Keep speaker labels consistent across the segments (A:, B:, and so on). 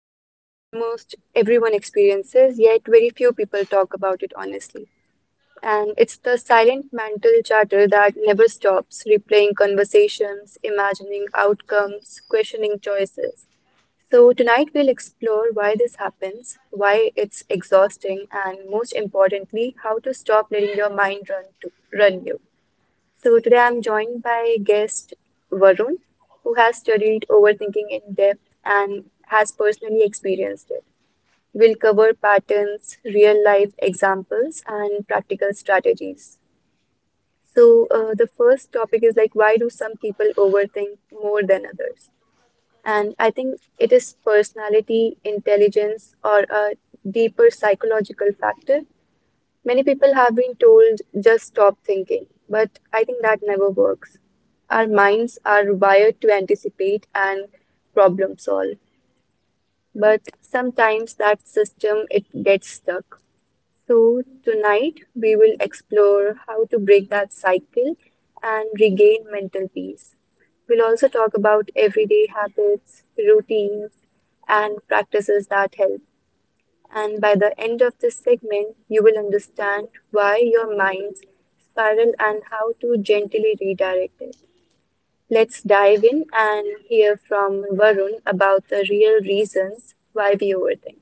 A: something almost everyone experiences, yet very few people talk about it honestly. And it's the silent mental chatter that never stops, replaying conversations, imagining outcomes, questioning choices. So, tonight we'll explore why this happens, why it's exhausting, and most importantly, how to stop letting your mind run to run you. So today I'm joined by guest Varun, who has studied overthinking in depth and has personally experienced it. We'll cover patterns, real life examples, and practical strategies. So the first topic is like, why do some people overthink more than others? And I think, it is personality, intelligence, or a deeper psychological factor? Many people have been told just stop thinking, but I think that never works. Our minds are wired to anticipate and problem solve, but sometimes that system it gets stuck. So tonight we will explore how to break that cycle and regain mental peace. We'll also talk about everyday habits, routines, and practices that help, and by the end of this segment, you will understand why your minds spiral and how to gently redirect it. Let's dive in and hear from Varun about the real reasons why we overthink.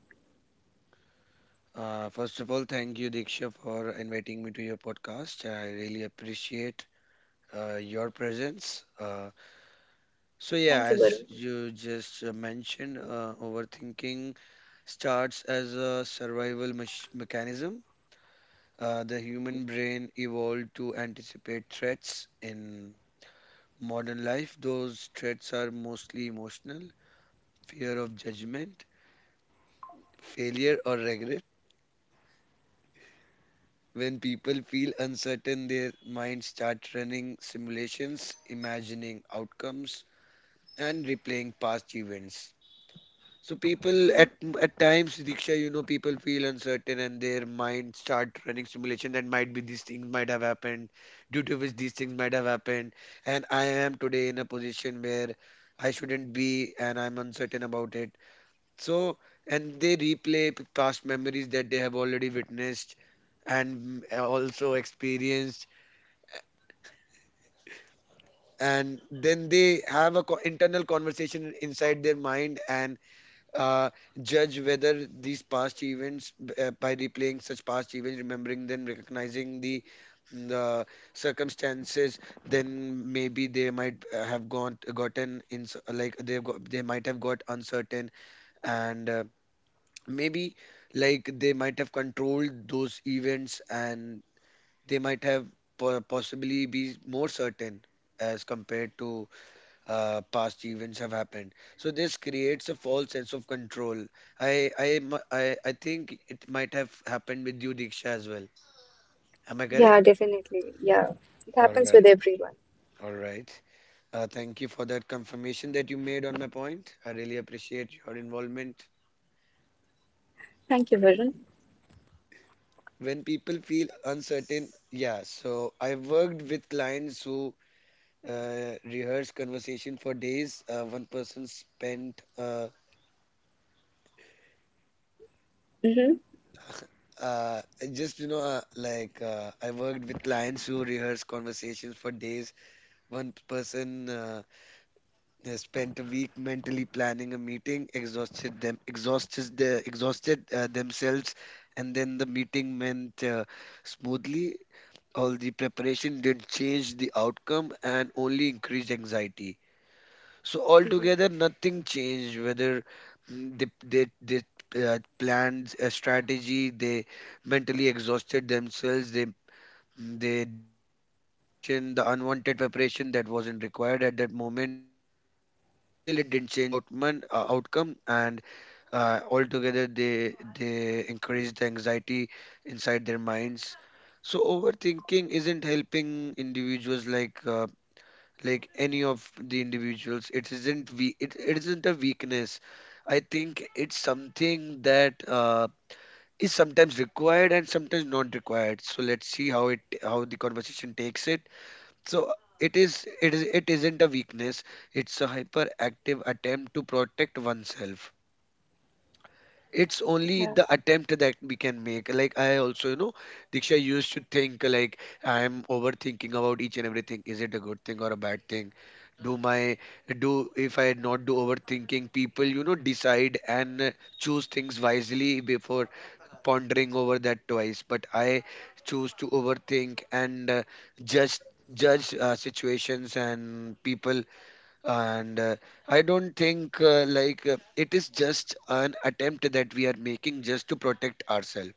B: First of all, thank you, Diksha, for inviting me to your podcast. I really appreciate your presence. So, yeah,
A: Thank you, Varun.
B: as you just mentioned, overthinking starts as a survival mechanism. The human brain evolved to anticipate threats in modern life. Those threats are mostly emotional fear of judgment, failure, or regret. When people feel uncertain, their minds start running simulations, imagining outcomes, and replaying past events. So people
A: Mhm.
B: at times, Diksha, people feel uncertain and their mind start running simulation that might be these things might have happened, due to which these things might have happened, and I am today in a position where I shouldn't be, and I'm uncertain about it. So, and they replay past memories that they have already witnessed and also experienced. And then they have a internal conversation inside their mind and uh, judge whether these past events by replaying such past events, remembering them, recognizing the the circumstances, then maybe they might have gone gotten in, like they have got, they might have got uncertain and maybe like they might have controlled those events, and they might have possibly be more certain as compared to past events have happened. So this creates a false sense of control. I mu- I think it might have happened with you, Diksha, as well. Am I
A: Yeah,
B: correct?
A: definitely. Yeah, it
B: All
A: happens
B: right.
A: with everyone.
B: All right. Thank you for that confirmation that you made on my point. I really appreciate your involvement.
A: Thank you, Varun.
B: When people feel uncertain, yeah. So I worked with clients who rehearsed conversation for days. One person spent
A: Mm-hmm.
B: uh, just you know like I worked with clients who rehearsed conversations for days. One person, they spent a week mentally planning a meeting, exhausted themselves, and then the meeting went smoothly. All the preparation didn't change the outcome and only increased anxiety. So altogether,
A: Hmm.
B: nothing changed. Whether they planned a strategy, they mentally exhausted themselves. They did all the preparation, the unwanted preparation that wasn't required at that moment, and still it didn't change the outcome. And altogether, they encouraged the anxiety inside their minds. So overthinking isn't helping individuals, like any of the individuals. It isn't a weakness. I think it's something that is sometimes required and sometimes not required. So let's see how the conversation takes it. So it isn't a weakness. It's a hyperactive attempt to protect oneself. It's only
A: Yeah,
B: the attempt that we can make. Like, I also, Diksha used to think, like, I am overthinking about each and everything. Is it a good thing or a bad thing? Do my do If I not do overthinking, people, decide and choose things wisely before pondering over that twice. But I choose to overthink and judge judge situations and people. And I don't think it is just an attempt that we are making just to protect ourselves.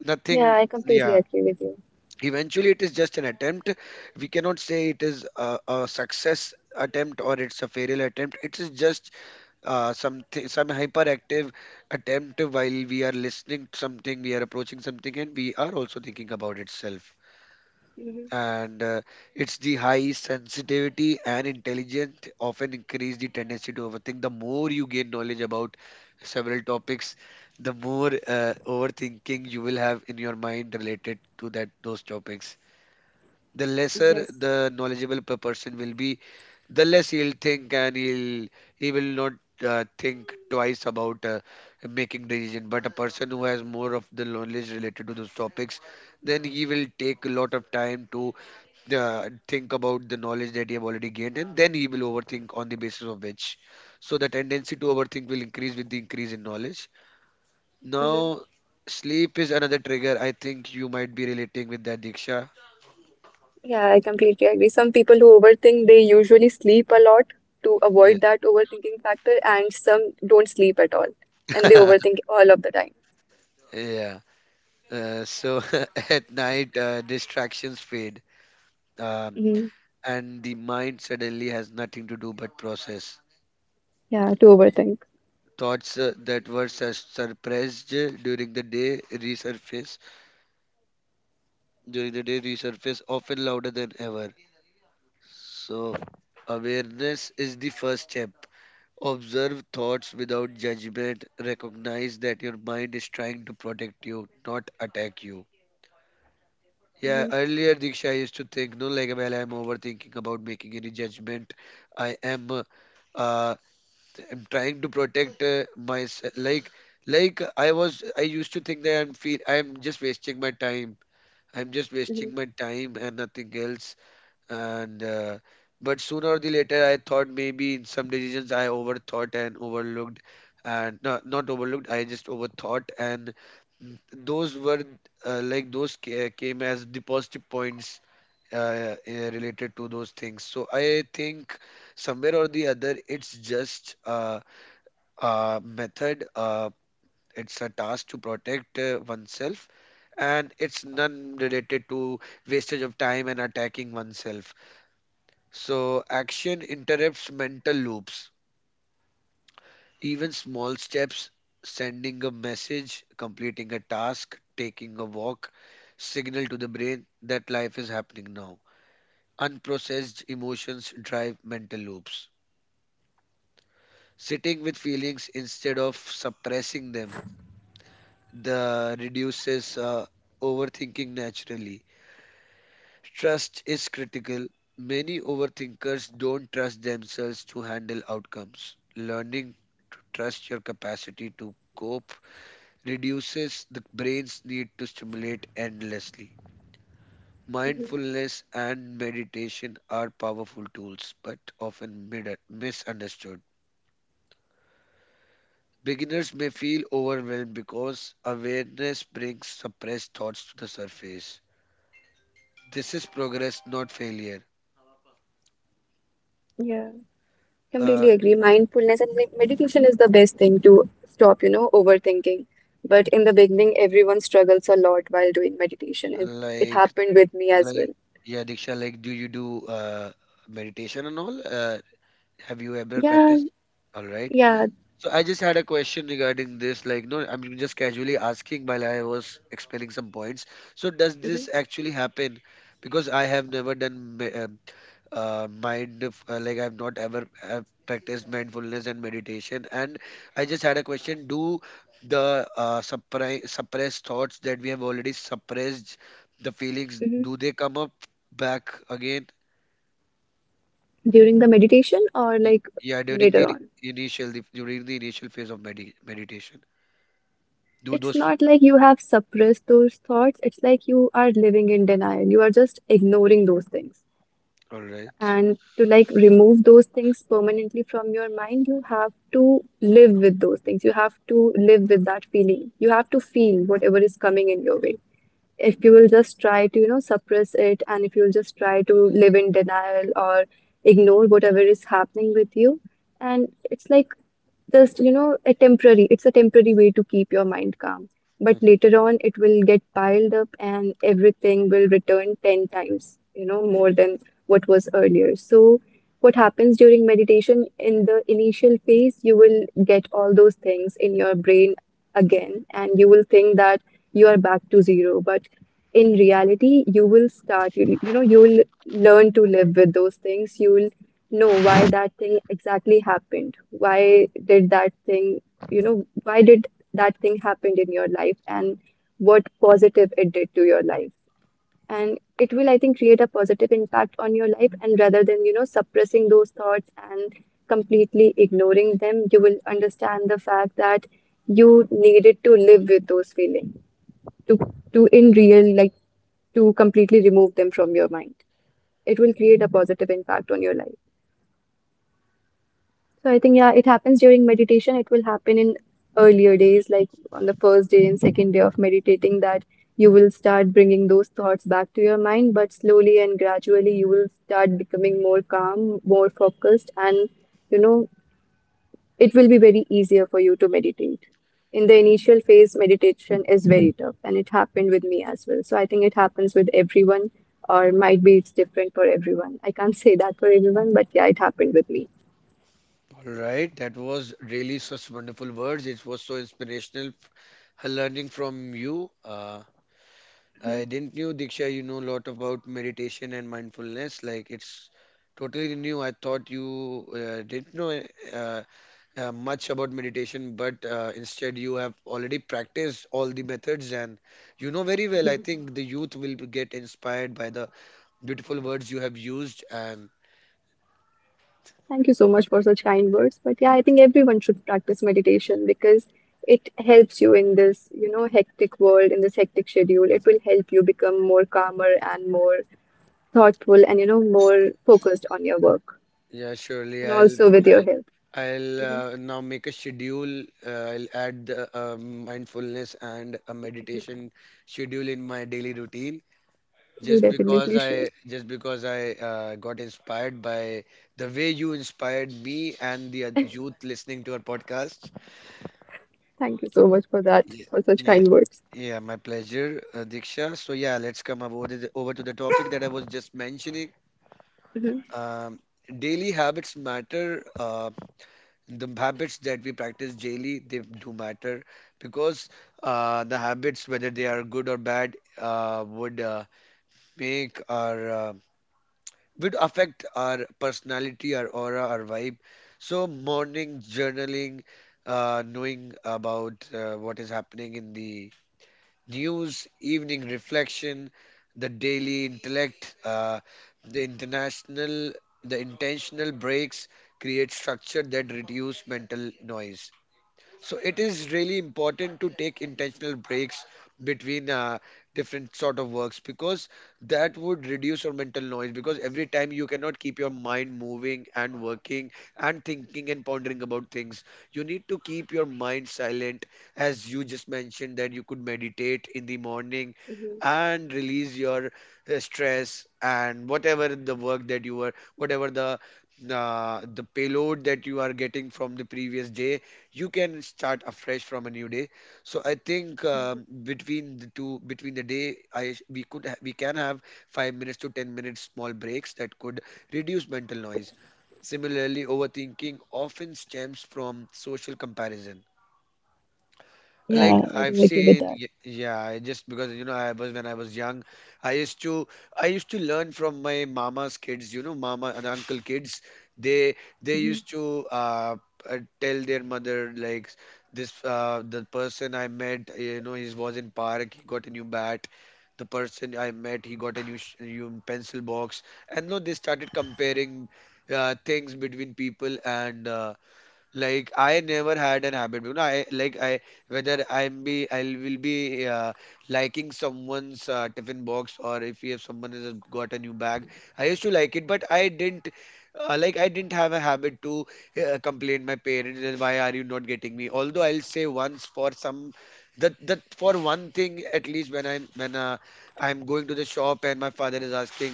B: Nothing.
A: yeah, I completely
B: Yeah,
A: agree with you.
B: eventually it is just an attempt. We cannot say it is a success attempt or it's a failure attempt. It is just something, some hyperactive attempt while we are listening to something, we are approaching something, and we are also thinking about itself.
A: Mm-hmm.
B: And it's the high sensitivity and intelligence often increase the tendency to overthink. The more you gain knowledge about several topics, the more overthinking you will have in your mind related to that those topics. The lesser
A: Yes.
B: the knowledgeable person will be, the less he'll think, and he will not think twice about making decision. But a person who has more of the knowledge related to those topics, then he will take a lot of time to think about the knowledge that he have already gained, and then he will overthink on the basis of which. So the tendency to overthink will increase with the increase in knowledge. Now, sleep is another trigger. I think you might be relating with that, Diksha.
A: Yeah, I completely agree. Some people who overthink, they usually sleep a lot to
B: Yes.
A: avoid that overthinking factor, and some don't sleep at all and they overthink all of the time.
B: Yeah. So at night, distractions fade, um,
A: Hmm.
B: and the mind suddenly has nothing to do but process.
A: Yeah, to overthink.
B: Thoughts that were suppressed during the day resurface. During the day, resurface often louder than ever. So awareness is the first step. Observe thoughts without judgment. Recognize that your mind is trying to protect you, not attack you. Yeah,
A: Hmm.
B: earlier, Diksha, I used to think, no, like, well, I'm overthinking about making any judgment. I am, uh, uh, I'm trying to protect myself. Like, I used to think that I'm just wasting my time. I'm just
A: Hmm.
B: wasting my time and nothing else. And uh, but sooner or the later I thought maybe in some decisions I overthought and overlooked. And no, not overlooked. I just overthought, and those were like those ca- came as the positive points related to those things. So I think somewhere or the other it's just a method, it's a task to protect oneself. And it's none related to wastage of time and attacking oneself. So, action interrupts mental loops. Even small steps, sending a message, completing a task, taking a walk, signal to the brain that life is happening now. Unprocessed emotions drive mental loops. Sitting with feelings instead of suppressing them the reduces overthinking naturally. Trust is critical. Many overthinkers don't trust themselves to handle outcomes. Learning to trust your capacity to cope reduces the brain's need to stimulate endlessly.
A: Hmm.
B: Mindfulness and meditation are powerful tools, but often misunderstood. Beginners may feel overwhelmed because awareness brings suppressed thoughts to the surface. This is progress, not failure.
A: Yeah,
B: Uh,
A: completely agree. Mindfulness and meditation is the best thing to stop, you know, overthinking. But in the beginning, everyone struggles a lot while doing meditation. It
B: like
A: happened with me as
B: Like,
A: well.
B: yeah, Diksha, like, do you do meditation and all? Have you ever
A: Yeah,
B: practiced? All right.
A: yeah.
B: So I just had a question regarding this. Like, no, I'm just casually asking while I was explaining some points. So does
A: Hmm.
B: this actually happen? Because I have never done like I've not ever have practiced mindfulness and meditation. And I just had a question: do the suppressed thoughts that we have already suppressed, the feelings,
A: Hmm.
B: do they come up back again?
A: During the meditation, or
B: Y-
A: like
B: yeah, during
A: later
B: the
A: on?
B: during the initial phase of meditation, do
A: It's
B: those.
A: not like you have suppressed those thoughts. It's like you are living in denial. You are just ignoring those things.
B: All right.
A: And to like remove those things permanently from your mind, you have to live with those things. You have to live with that feeling. You have to feel whatever is coming in your way. If you will just try to, you know, suppress it, and if you'll just try to live in denial or ignore whatever is happening with you, and it's like just, you know, a temporary, it's a temporary way to keep your mind calm. But
B: Mhm.
A: later on, it will get piled up and everything will return 10 times, you know, more than what was earlier. So, what happens during meditation in the initial phase, you will get all those things in your brain again, and you will think that you are back to zero. But in reality, you will start, you know, you will learn to live with those things. You will know why that thing exactly happened. Why did that thing, you know, why did that thing happened in your life, and what positive it did to your life. And it will, I think, create a positive impact on your life. And rather than, you know, suppressing those thoughts and completely ignoring them, you will understand the fact that you needed to live with those feelings to, to in real, like to completely remove them from your mind. It will create a positive impact on your life. So I think, yeah, it happens during meditation. It will happen in earlier days, like on the first day and second day of meditating, that you will start bringing those thoughts back to your mind. But slowly and gradually, you will start becoming more calm, more focused, and you know, it will be very easier for you to meditate. In the initial phase, meditation is very tough, and it happened with me as well. So I think it happens with everyone, or might be it's different for everyone. I can't say that for everyone, but yeah, it happened with me.
B: All right, that was really such wonderful words. It was so inspirational learning from you. I didn't knew, Diksha, you know a lot about meditation and mindfulness. Like, it's totally new. I thought you didn't know uh, much about meditation, but instead you have already practiced all the methods and you know very well. I
A: Mhm.
B: think the youth will get inspired by the beautiful words you have used. And
A: Thank you so much for such kind words. But yeah, I think everyone should practice meditation because it helps you in this, you know, hectic world, in this hectic schedule. It will help you become more calmer and more thoughtful and, you know, more focused on your work
B: yeah, surely
A: and also with your
B: I'll
A: health.
B: I'll
A: Mhm.
B: now make a schedule. I'll add mindfulness and a meditation schedule in my daily routine.
A: You definitely should.
B: Just because I got inspired by the way you inspired me and the youth listening to our podcast.
A: Thank you so much for that,
B: Yeah,
A: for such
B: yeah,
A: kind words.
B: yeah. My pleasure, Diksha. So yeah, let's come over to the topic that I was just mentioning.
A: Mhm.
B: Um, Daily habits matter. The habits that we practice daily, they do matter because the habits, whether they are good or bad, would make our would affect our personality, our aura, our vibe. So, morning journaling, knowing about what is happening in the news, evening reflection, the daily intellect, the international, the intentional breaks create structure that reduce mental noise. So it is really important to take intentional breaks between different sort of works, because that would reduce your mental noise. Because every time you cannot keep your mind moving and working and thinking and pondering about things, you need to keep your mind silent. As you just mentioned, that you could meditate in the morning and release your stress and whatever the work that you were whatever the payload that you are getting from the previous day, you can start afresh from a new day. So I think, between the day, we can have 5 minutes to 10 minutes small breaks that could reduce mental noise. Similarly, overthinking often stems from social comparison. Like,
A: Yeah, I
B: I've
A: do agree with
B: seen,
A: that.
B: yeah, I, just because you know, I was when I was young, I used to I used to learn from my mama's kids, you know, mama and uncle kids. They they
A: Mhm.
B: used to tell their mother, like, this the person I met, he was in park. He got a new bat. The person I met, he got a new pencil box, and no, they started comparing things between people and. Like, I never had an habit you know I like I whether I'm be I will be liking someone's tiffin box, or if someone has got a new bag. I used to like it, but I didn't, like, I didn't have a habit to complain my parents that why are you not getting me, although I'll say once for some, that for one thing at least. When I'm going to the shop and my father is asking,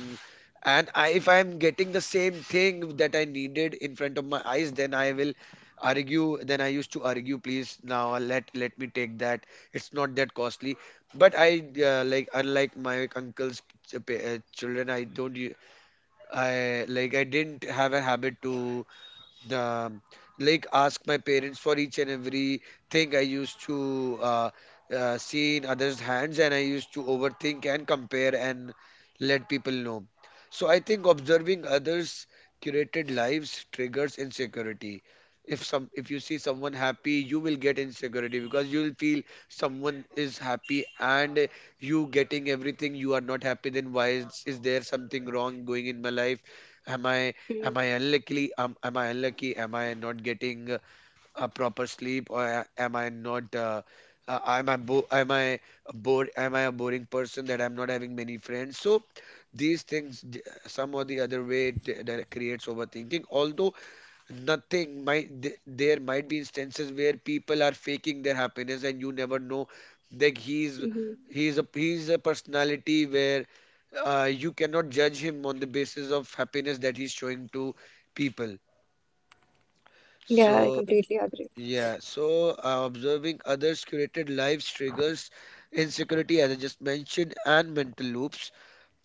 B: and if I'm getting the same thing that I needed in front of my eyes, then I will argue. Then I used to argue, please, now let me take that. It's not that costly. But I like, unlike my children, I don't u- I like, I didn't have a habit to um, like, ask my parents for each and every thing. I used to see in others' hands, and I used to overthink and compare and let people know. So I think observing others' curated lives triggers insecurity. If you see someone happy, you will get insecurity because you will feel someone is happy and you getting everything. You are not happy. Then is there something wrong going in my life? Am I Am
A: Mhm.
B: I unlucky? Am I unlucky? Am I not getting a proper sleep, or am I not? Am I bored? Am I a boring person that I'm not having many friends? So these some or the other way, that creates overthinking. Although nothing there might be instances where people are faking their happiness and you never know that
A: Mhm.
B: he's a personality where you cannot judge him on the basis of happiness that he's showing to people.
A: Yeah, I
B: So,
A: completely agree.
B: yeah, observing others curated lives triggers insecurity, as I just mentioned, and mental loops.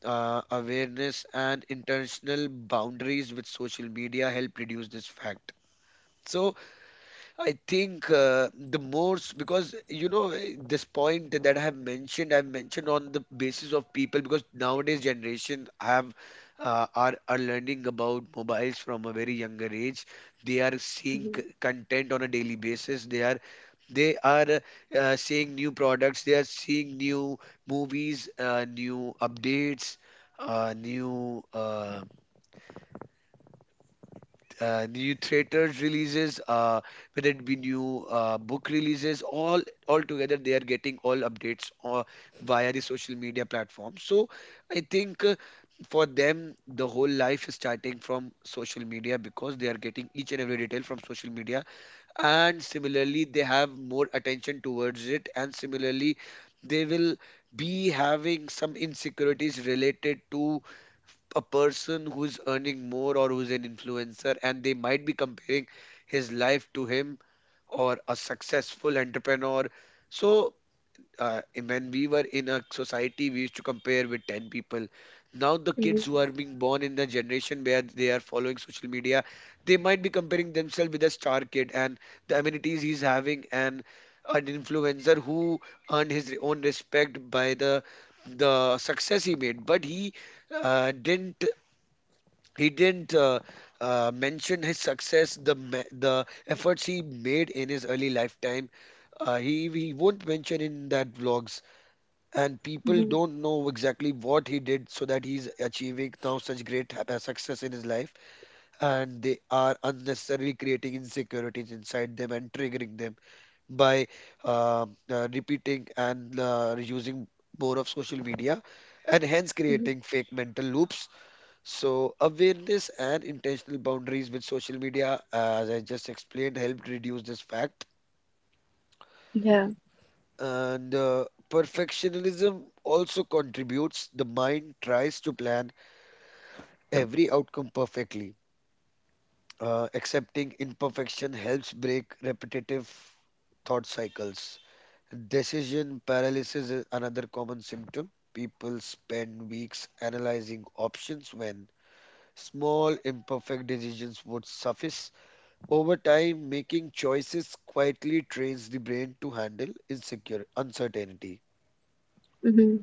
B: Awareness and intentional boundaries with social media help reduce this fact. So I think the most, because this point that I have mentioned, I've mentioned on the basis of people, because nowadays generation have are learning about mobiles from a very younger age. They are seeing
A: Mhm.
B: content on a daily basis. They are seeing new products. They are seeing new movies, new updates, uh, new uh, new theaters releases, whether it be new book releases, all together they are getting all updates via the social media platform. So I think, for them the whole life is starting from social media because they are getting each and every detail from social media, and similarly they have more attention towards it, and similarly they will be having some insecurities related to a person who's earning more or who's an influencer, and they might be comparing his life to him, or a successful entrepreneur. So, and when we were in a society we used to compare with 10 people. Now the kids
A: Mhm.
B: who are being born in the generation where they are following social media, they might be comparing themselves with a star kid and the amenities he's having, and an influencer who earned his own respect by the success he made. But he uh, didn't didn't mention his success, the efforts he made in his early lifetime. He won't mention in that vlogs, and people
A: Mhm.
B: don't know exactly what he did so that he's achieving now such great success in his life, and they are unnecessarily creating insecurities inside them and triggering them by repeating and using more of social media, and hence
A: Mhm.
B: creating fake mental loops. So, awareness and intentional boundaries with social media, as I just explained, helped reduce this fact.
A: Yeah.
B: And perfectionism also contributes. The mind tries to plan every outcome perfectly. Accepting imperfection helps break repetitive thought cycles. Decision paralysis is another common symptom. People spend weeks analyzing options when small imperfect decisions would suffice. Over time, making choices quietly trains the brain to handle insecure uncertainty.
A: Mhm.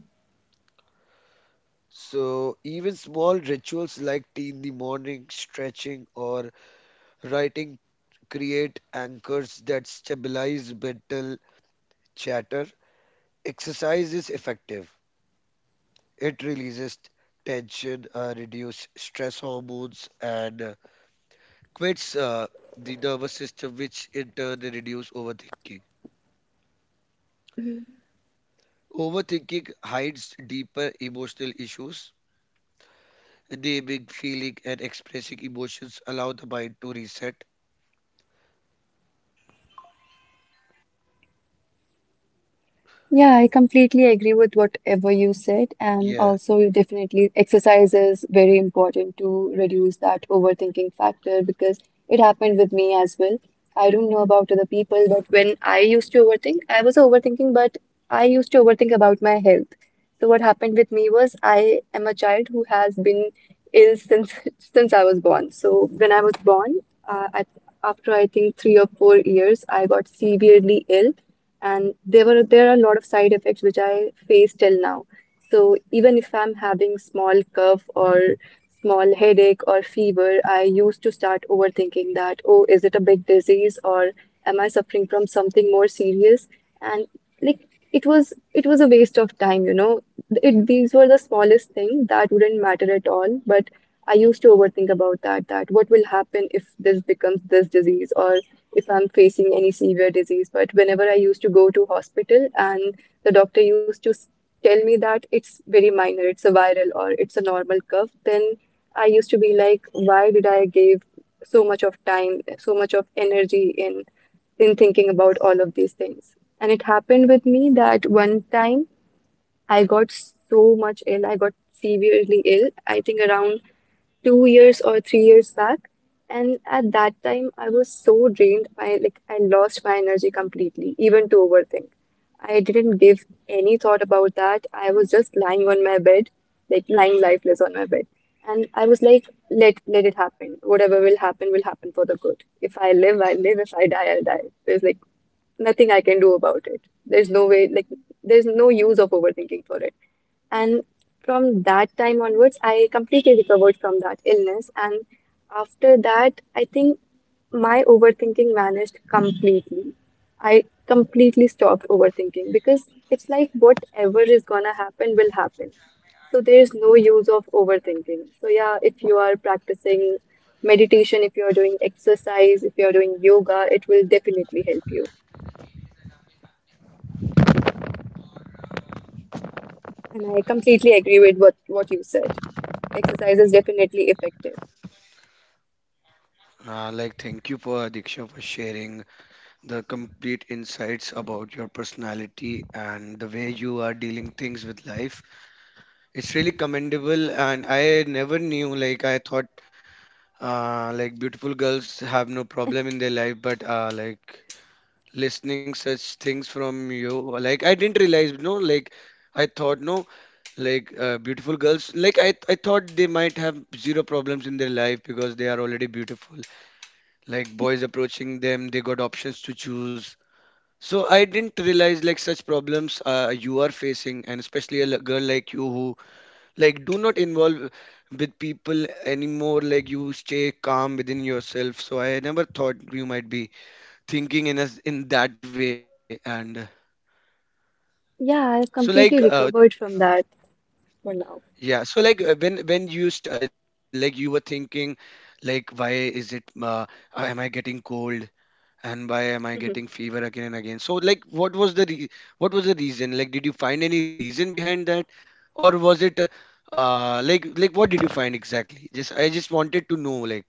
B: So, even small rituals like tea in the morning, stretching, or writing create anchors that stabilize mental chatter. Exercise is effective. It releases tension, reduces stress hormones, and quits the nervous system, which in turn reduce overthinking.
A: Mhm.
B: Overthinking hides deeper emotional issues. Naming, feeling, and expressing emotions allow the mind to reset.
A: Yeah, I completely agree with whatever you said. And
B: Yeah,
A: also, you definitely, exercise is very important to reduce that overthinking factor because it happened with me as well. I don't know about other people, but when I used to overthink, I was overthinking, but I used to overthink about my health. So what happened with me was, I am a child who has been ill since since I was born. So when I was born, uh, at, after I think 3 or 4 years, I got severely ill, and there were there are a lot of side effects which I face till now. So even if I'm having small cough or small headache or fever, I used to start overthinking that, oh, is it a big disease, or am I suffering from something more serious? And like, it was a waste of time, you know. It these were the smallest thing that wouldn't matter at all, but I used to overthink about that, that what will happen if this becomes this disease, or if I'm facing any severe disease. But whenever I used to go to hospital and the doctor used to tell me that it's very minor, it's a viral or it's a normal cough, then I used to be like, why did I give so much of time, so much of energy in thinking about all of these things? And it happened with me that one time I got so much ill. I got severely ill. I think around 2 years or 3 years back. And at that time, I was so drained by, like, I lost my energy completely, even to overthink. I didn't give any thought about that. I was just lying on my bed, like lying lifeless on my bed. And I was like, let it happen. Whatever will happen for the good. If I live, I live. If I die, I'll die. There's like nothing I can do about it. There's no way, like there's no use of overthinking for it. And from that time onwards, I completely recovered from that illness. And after that, I think my overthinking vanished completely. I completely stopped overthinking because it's like whatever is gonna happen will happen. So there's no use of overthinking. So yeah, if you are practicing meditation, if you're doing exercise, if you're doing yoga, it will definitely help you. And I completely agree with what you said. Exercise is definitely effective.
B: like, thank you for Diksha for sharing the complete insights about your personality and the way you are dealing things with life. It's really commendable, and I never knew. Like, I thought, like, beautiful girls have no problem in their life, but like, listening such things from you. Like, I didn't realize. No, like, I thought. No, like, beautiful girls, like I thought they might have zero problems in their life because they are already beautiful. Like, boys approaching them, they got options to choose. So I didn't realize, like, such problems you are facing. And especially a girl like you who, like, do not involve with people anymore, like, you stay calm within yourself. So I never thought you might be thinking in us in that way. And
A: Yeah,
B: So
A: I've
B: like uh
A: completely recovered from that for now.
B: yeah, so, like, when you st like you were thinking, like, why is it, am I getting cold, and why am I getting fever again and again? So, like, what was the reason? Like, did you find any reason behind that, or was it like what did you find exactly? Just I just wanted to know, like.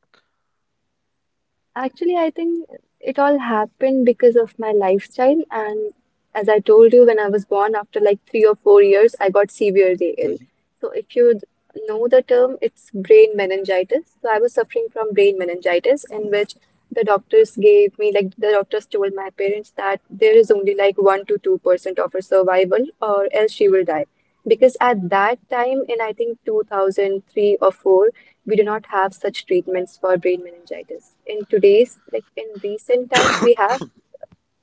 A: Actually, I think it all happened because of my lifestyle. And as I told you, when I was born, after like 3 or 4 years, I got severely
B: Mhm,
A: ill. So, if you know the term, it's brain meningitis. So, I was suffering from brain meningitis, in which the doctors gave me, like, the doctors told my parents that there is only like 1 to 2% of her survival, or else she will die. Because at that time, in I think 2003 or 4, we do not have such treatments for brain meningitis. In today's, like in recent times,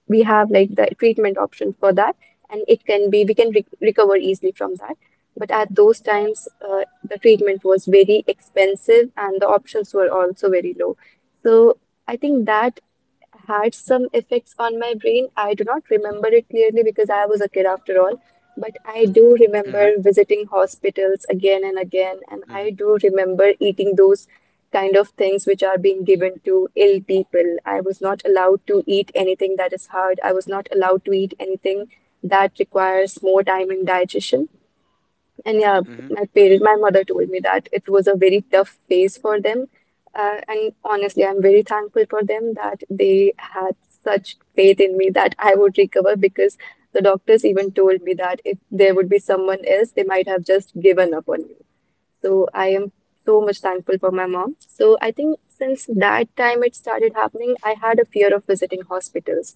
A: we have like the treatment option for that, and it can be we can recover easily from that. But at those times, the treatment was very expensive, and the options were also very low. So I think that had some effects on my brain. I do not remember it clearly because I was a kid after all, but I do
B: mhm,
A: remember visiting hospitals again and again, and
B: mhm,
A: I do remember eating those kind of things which are being given to ill people. I was not allowed to eat anything that is hard. I was not allowed to eat anything that requires more time in digestion. And yeah, my mother told me that it was a very tough phase for them. And honestly, I'm very thankful for them that they had such faith in me that I would recover, because the doctors even told me that if there would be someone else, they might have just given up on you. So I am so much thankful for my mom. So I think since that time it started happening, I had a fear of visiting hospitals.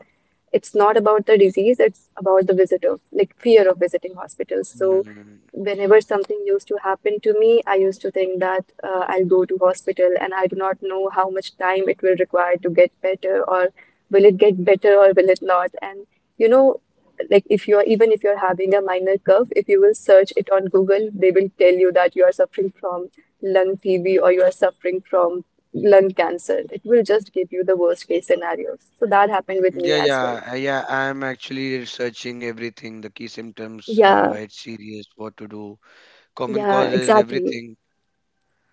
A: It's not about the disease, it's about the visitor, like fear of visiting
B: mhm,
A: hospitals. So
B: mhm.
A: whenever something used to happen to me, I used to think that I'll go to hospital and I do not know how much time it will require to get better or will it get better or will it not? You know, like if you're even if you're having a minor cough, if you will search it on Google, they will tell you that you are suffering from lung TB or you are suffering from lung cancer. It will just give you the worst case scenarios. So that happened with
B: Yeah,
A: me as well.
B: yeah, yeah. I'm actually researching everything, the key symptoms,
A: Yeah,
B: why it's serious, what to do. Common
A: yeah,
B: causes,
A: exactly.
B: everything.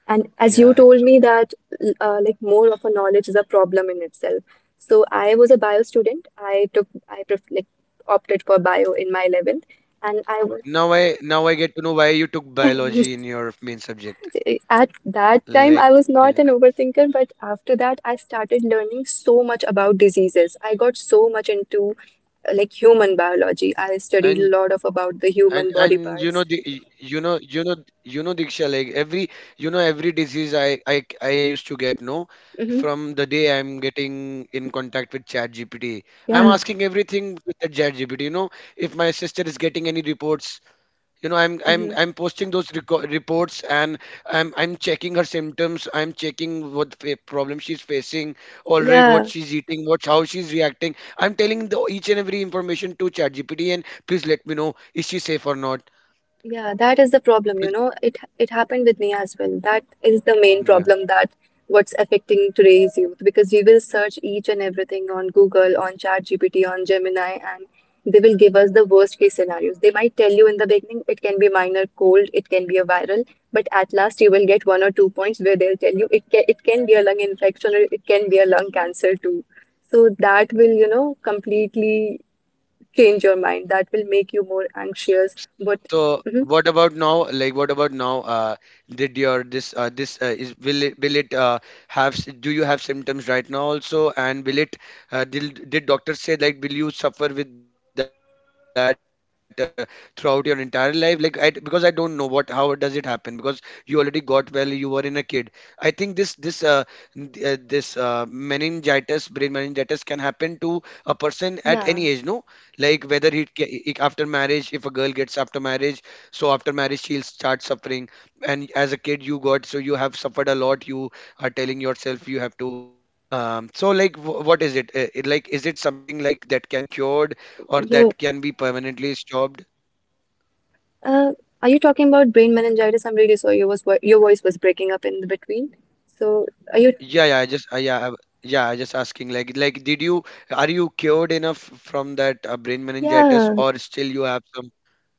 A: And as you
B: Yeah,
A: told
B: actually.
A: me that like more of a knowledge is a problem in itself. So I was a bio student. I took I pref like opted for bio in my 11th
B: now
A: and
B: I
A: I
B: now
A: was
B: I get to know why you took biology in your main subject.
A: at
B: Like,
A: that time I
B: yeah,
A: was not an overthinker, but after that I started learning so much about diseases. I got so much into like human biology. I studied a
B: and
A: lot of about the
B: and
A: human body
B: and you
A: parts.
B: know the you know you know you know Diksha, like, every every disease I used to get, no,
A: Hmm.
B: from the day I'm getting in contact with Chat GPT. I'm
A: Yeah.
B: asking everything with the Chat GPT. You know, if my sister is getting any reports, i'm i'm
A: Hmm.
B: i'm posting those reports, and I'm checking her symptoms, I'm checking what problem she's facing. All right, what
A: Yeah.
B: she's eating, what, how she's reacting. I'm telling the each and every information to chatgpt, and please let me know is she safe or not.
A: Yeah, that is the problem, you know. It happened with me as well. That is the main
B: Will-
A: problem that what's affecting today's youth because we will search each and everything on Google, on ChatGPT, on Gemini, and they will give us the worst case scenarios. They might tell you in the beginning it can be minor cold, it can be a viral, but at last you will get one or two points where they'll tell you it can be a lung infection or it can be a lung cancer too. So that will, you know, completely change your mind. That will make you more anxious.
B: So
A: But
B: what
A: mhm.
B: about now? Like, what about now? Did your this this is will it do you have symptoms right now also? And will it did doctors say, like, will you suffer with that throughout your entire life? Like, because I don't know what, how does it happen, because you already got well, you were in a kid. I think this meningitis, brain meningitis can happen to a person at any age. No,
A: Yeah,
B: like, whether after marriage, if a girl gets after marriage, so after marriage she'll start suffering. And as a kid, you got, so you have suffered a lot, you are telling yourself you have to so, like, what is it? It, like, is it something like that can be cured, or
A: you
B: that can be permanently stopped?
A: uh, are you talking about brain meningitis? I'm really sorry, your your voice was breaking up in between. So are you?
B: Yeah, yeah I just yeah I, yeah, I just asking, like did you, are you cured enough from that brain meningitis,
A: Yeah,
B: or still you have.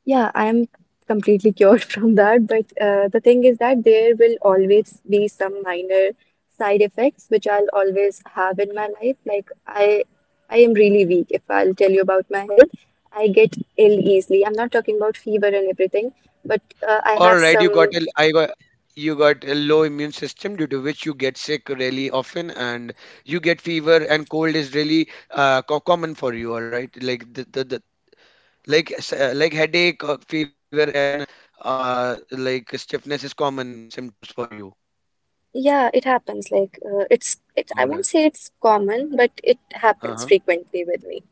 A: yeah, I am completely cured from that. But the thing is that there will always be some minor side effects which I'll always have in my life. I am really weak. If I'll tell you about my health, I get ill easily. I'm not talking about fever and everything, but I
B: All
A: have
B: right,
A: some.
B: you got a low immune system due to which you get sick really often, and you get fever and cold is really common for you. All right, like, the like, like, headache, fever, and like, stiffness is common symptoms for you.
A: Yeah, it happens. Like it's I
B: All
A: won't
B: right.
A: say it's common, but it happens
B: Uh-huh.
A: frequently with me.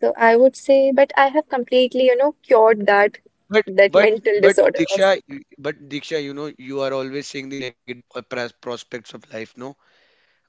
A: So I would say, but I have completely, you know, cured that
B: But
A: that
B: but
A: mental
B: but
A: disorder of.
B: Diksha, you- but Diksha, you know you are always seeing the negative prospects of life. No.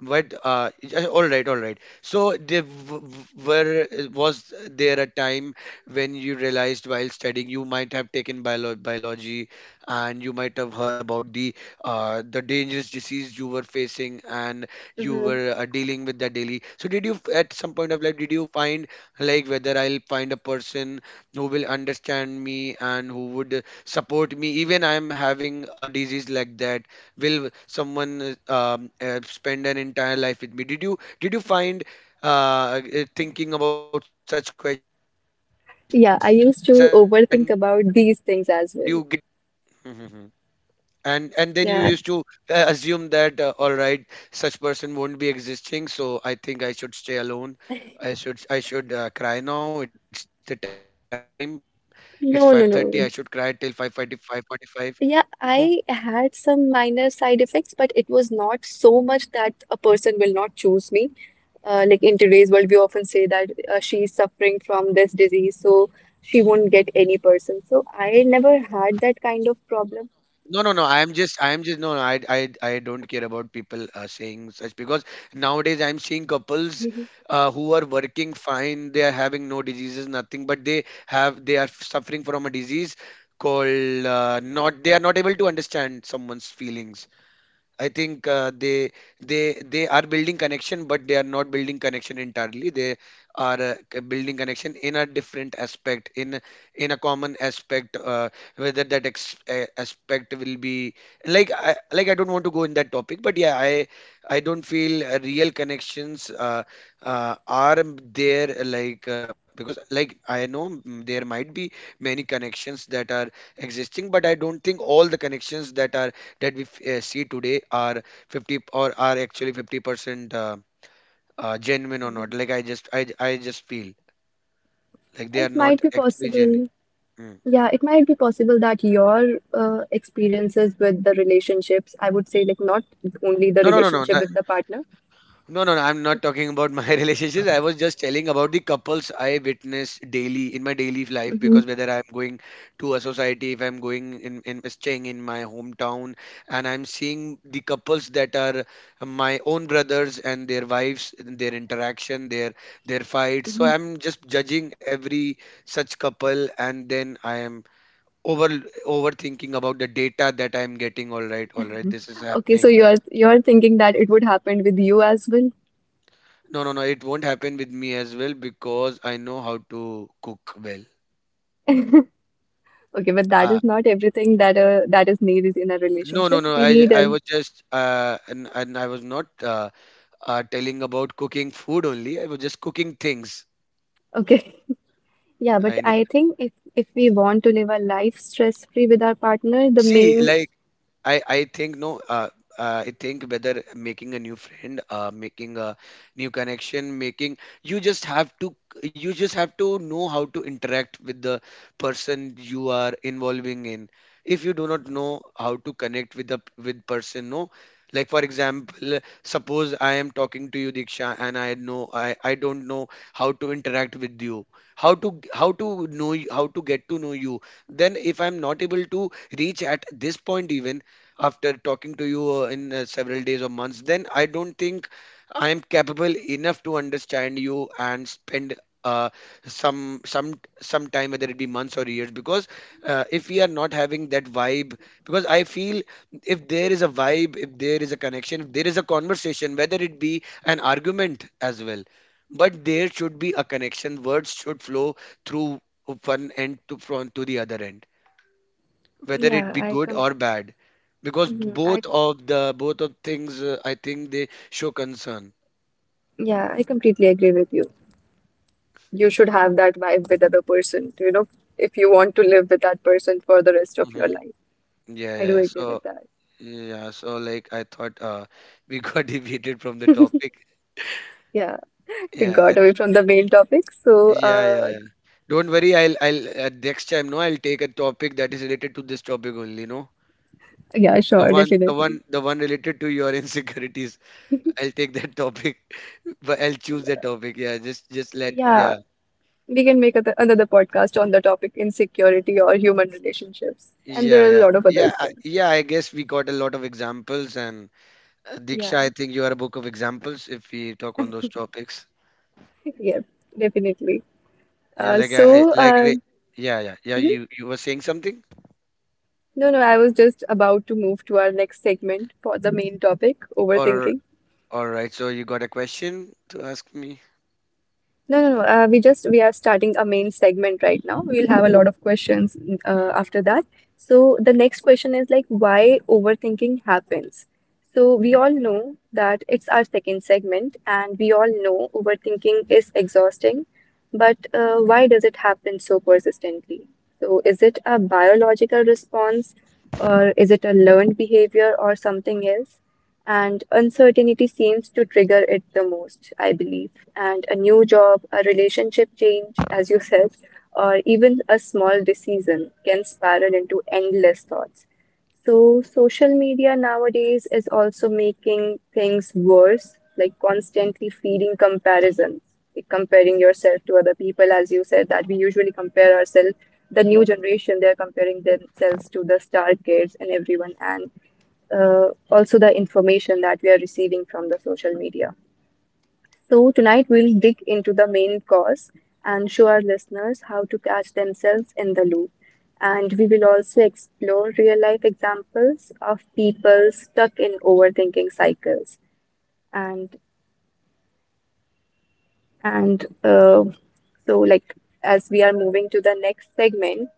B: But yeah, all right, all right. So there w- w- were was there a time when you realized while studying you might have taken biology, and you might have heard about the dangerous disease you were facing, and you
A: Mhm.
B: were dealing with that daily. So did at some point of life did you find like whether I'll find a person who will understand me and who would support me even I'm having a disease like that, will someone spend an entire life with me? Did you find thinking about such questions, and did you get a no answer from
A: Yeah, I
B: yourself
A: used
B: only?
A: to overthink about these things as well.
B: Mhm. And then you
A: Yeah.
B: used to assume that all right, such person won't be existing, so I think I should stay alone. I should cry now, it's the time. It's 5:30, I should cry
A: No,
B: till
A: no, no.
B: 5:45. No.
A: Yeah, I had some minor side effects, but it was not so much that a person will not choose me. Like in today's world, we often say that she suffering from this disease, so she won't get any person. So I never had that kind of problem.
B: No, no, no. I'm just, no, no. I don't care about people saying such because nowadays I'm seeing couples
A: Mhm.
B: who are working fine. They are having no diseases, nothing, but they have, They are suffering from a disease called not. They are not able to understand someone's feelings. I think they are building connection, but they are not building connection entirely. They are building connection in a different aspect, in a common aspect. Whether that aspect will be like I don't want to go in that topic, but yeah, I don't feel real connections are there, like because like I know mm, there might be many connections that are existing, but I don't think all the connections that are that we see today are 50, or are actually 50% genuine or not. Like I just feel like they are
A: It
B: not
A: might be
B: actually genuine.
A: possible.
B: Mm.
A: Yeah, it might be possible that your experiences with the relationships, I would say, like not only the
B: No, no, no, no.
A: relationship with the partner.
B: No, no, no. I'm not talking about my relationships. I was just telling about the couples I witness daily in my daily life,
A: Mhm,
B: because whether I'm going to a society, if I'm going in staying in my hometown, and I'm seeing the couples that are my own brothers and their wives, and their interaction, their fights. So
A: mhm.
B: I'm just judging every such couple, and then I am over overthinking about the data that I'm getting. All right, this is
A: Okay, so
B: happening.
A: you're thinking that it would happen with you as well.
B: No, no, no. It won't happen with me as well because I know how to cook well.
A: Okay, but that
B: Uh,
A: is not everything that that is needed in a
B: no, no,
A: relationship.
B: no.
A: We
B: I,
A: need
B: I
A: a
B: was just and I was not telling about cooking food only. I was just cooking things.
A: okay. Yeah, but
B: I ne-
A: I think if we want to live a life stress-free with our partner, the
B: See,
A: main
B: like I think no. I think whether making a new friend, making a new connection, making, you just have to know how to interact with the person you are involving in. If you do not know how to connect with the with person, no. Like for example, suppose I am talking to you, Diksha, and I know I don't know how to interact with you, how to know you, how to get to know you. Then if I'm not able to reach at this point even after talking to you in several days or months, then I don't think I am capable enough to understand you and spend uh, some some time, whether it be months or years. Because if we are not having that vibe, because I feel if there is a vibe, if there is a connection, if there is a conversation, whether it be an argument as well, but there should be a connection. Words should flow through one end to the other end, whether it
A: yeah,
B: be
A: I
B: good
A: com
B: or bad, because
A: mhm,
B: both
A: I
B: of the both of things I think they show concern.
A: yeah, I completely agree with you. You should have that vibe with other person, you know, if you want to live with that person for the rest of your
B: Hmm.
A: life.
B: Yeah,
A: I
B: yeah,
A: do
B: yeah.
A: agree
B: So
A: with that.
B: yeah, so like I thought uh, we got deviated from the topic.
A: Yeah, we
B: Yeah,
A: got away from the main topic, so
B: yeah, yeah,
A: uh
B: yeah. Don't worry, I'll next time, no, I'll take a topic that is related to this topic only, no,
A: yeah,
B: the
A: sure,
B: one the
A: definitely.
B: one the one related to your insecurities. I'll take that topic. But I'll choose that topic, yeah. Just let,
A: Yeah,
B: yeah.
A: we can make other, another podcast on the topic insecurity or human relationships, and there
B: Yeah,
A: are a
B: yeah,
A: lot of other
B: yeah,
A: things.
B: yeah. I guess we got a lot of examples, and Diksha,
A: Yeah,
B: I think you are a book of examples if we talk on those topics.
A: yeah, definitely.
B: Yeah,
A: Uh,
B: like
A: so, uh,
B: yeah, yeah, yeah.
A: mhm.
B: You were saying something,
A: No, no, I was just about to move to our next segment for the main topic,
B: or
A: overthinking.
B: all right. So you got a question to ask me.
A: No, no, no. We are starting a main segment right now. We'll have a lot of questions after that. So the next question is like why overthinking happens. So we all know that it's our second segment, and we all know overthinking is exhausting, but why does it happen so persistently? So is it a biological response, or is it a learned behavior, or something else? And uncertainty seems to trigger it the most, I believe and a new job, a relationship change, as you said, or even a small decision can spiral into endless thoughts. So, social media nowadays is also making things worse, like constantly feeding comparisons, like comparing yourself to other people, as you said, that we usually compare ourselves. The new generation, they're comparing themselves to the star kids and everyone, and also the information that we are receiving from the social media. So, tonight we'll dig into the main cause and show our listeners how to catch themselves in the loop. And we will also explore real life examples of people stuck in overthinking cycles. And and so, like as we are moving to the next segment,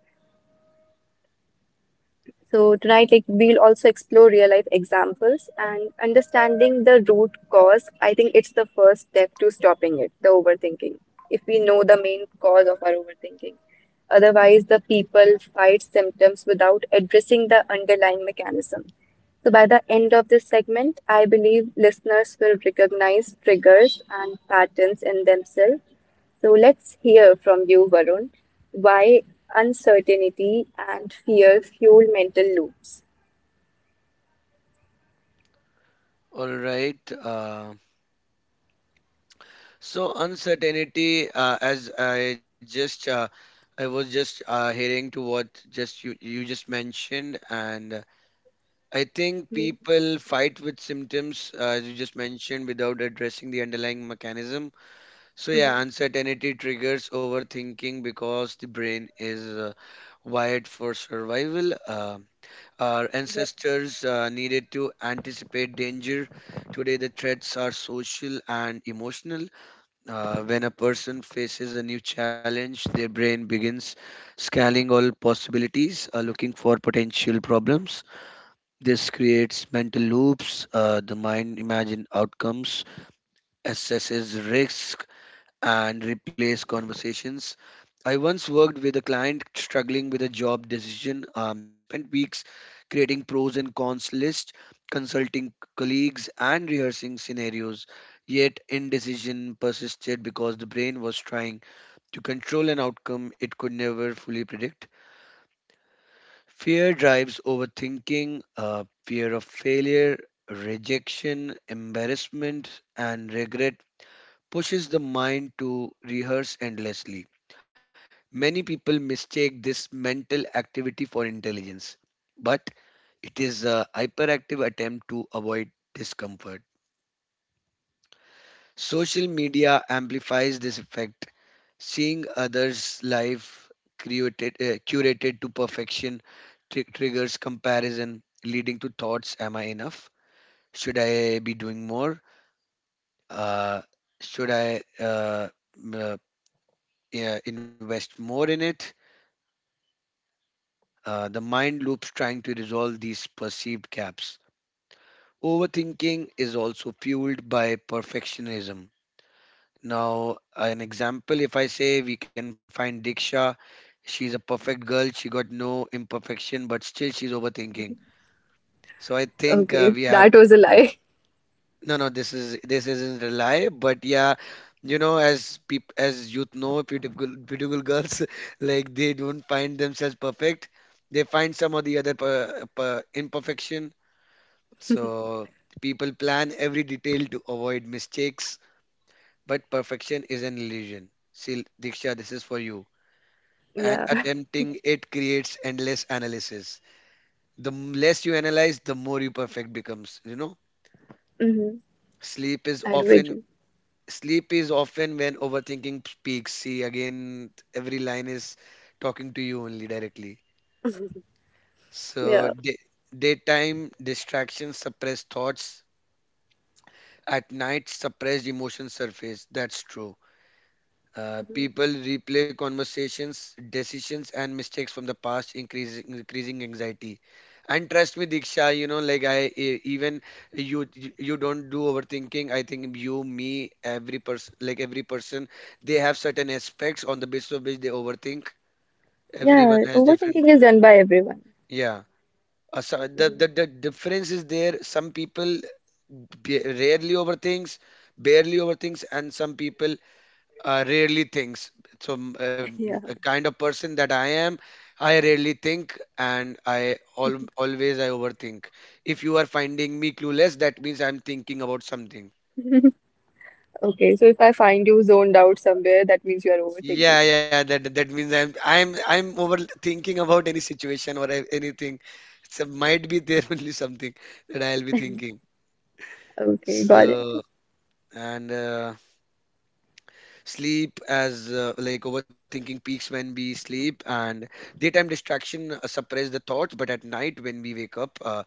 A: so tonight, like we'll also explore real life examples and understanding the root cause. I think it's the first step to stopping it, the overthinking. If we know the main cause of our overthinking, otherwise the people fight symptoms without addressing the underlying mechanism. So by the end of this segment, I believe listeners will recognize triggers and patterns in themselves so let's hear from you, Varun, why uncertainty and fear fuel mental loops.
B: All right. So uncertainty, as I just, I was just hearing to what just you just mentioned, and I think people fight with symptoms, as you just mentioned, without addressing the underlying mechanism. So, yeah, uncertainty triggers overthinking because the brain is wired for survival. Our
A: Yep.
B: ancestors needed to anticipate danger. Today, the threats are social and emotional. When a person faces a new challenge, their brain begins scanning all possibilities, looking for potential problems. This creates mental loops. The mind imagines outcomes, assesses risk, and replays conversations. I once worked with a client struggling with a job decision. They spent weeks creating pros and cons lists, consulting colleagues, and rehearsing scenarios. Yet indecision persisted because the brain was trying to control an outcome it could never fully predict. Fear drives overthinking, fear of failure, rejection, embarrassment, and regret pushes the mind to rehearse endlessly. Many people mistake this mental activity for intelligence, but it is a hyperactive attempt to avoid discomfort. Social media amplifies this effect. Seeing others' life created, curated to perfection, triggers comparison, leading to thoughts: am I enough? Should I be doing more? Uh, should I uh, m- uh, yeah, invest more in it? The mind loops trying to resolve these perceived gaps. Overthinking is also fueled by perfectionism. Now, an example, if I say we can find Diksha, she's a perfect girl, she got no imperfection, but still she's overthinking. So I think
A: Okay,
B: we have,
A: that was a lie.
B: no, no, this is this isn't a lie, but yeah, you know, as peop as youth know, beautiful girls like they don't find themselves perfect, they find some of the other per, per imperfection. So people plan every detail to avoid mistakes, but perfection is an illusion. See, Diksha, this is for you. And
A: Yeah.
B: attempting it creates endless analysis. Less you analyze, the more you perfect becomes. You know,
A: Hmm.
B: sleep is
A: I do
B: often
A: agree.
B: sleep is often when overthinking speaks. See, again, every line is talking to you only directly. So
A: Yeah.
B: day, Daytime distractions suppress thoughts. At night, suppressed emotions surface. That's true.
A: Mhm.
B: People replay conversations, decisions, and mistakes from the past, increasing anxiety. And trust me, Diksha, you know, like I e- even you don't do overthinking. I think you, me, every person, like every person, they have certain aspects on the basis of which they overthink. Everyone
A: Yeah.
B: has different,
A: Overthinking is done by everyone.
B: yeah. So the,
A: Hmm.
B: the difference is there. Some people ba- rarely overthinks, barely overthinks, and some people rarely thinks. So,
A: Yeah.
B: a kind of person that I am, I rarely think and I al always I overthink. If you are finding me clueless, that means I'm thinking about something.
A: Okay, so if I find you zoned out somewhere, that means you are overthinking.
B: Yeah, yeah, that means I'm overthinking about any situation or anything. So might be there only something that I'll be thinking.
A: Okay, got it.
B: So and sleep as like overthinking peaks when we sleep, and daytime distraction suppress the thoughts, but at night when we wake up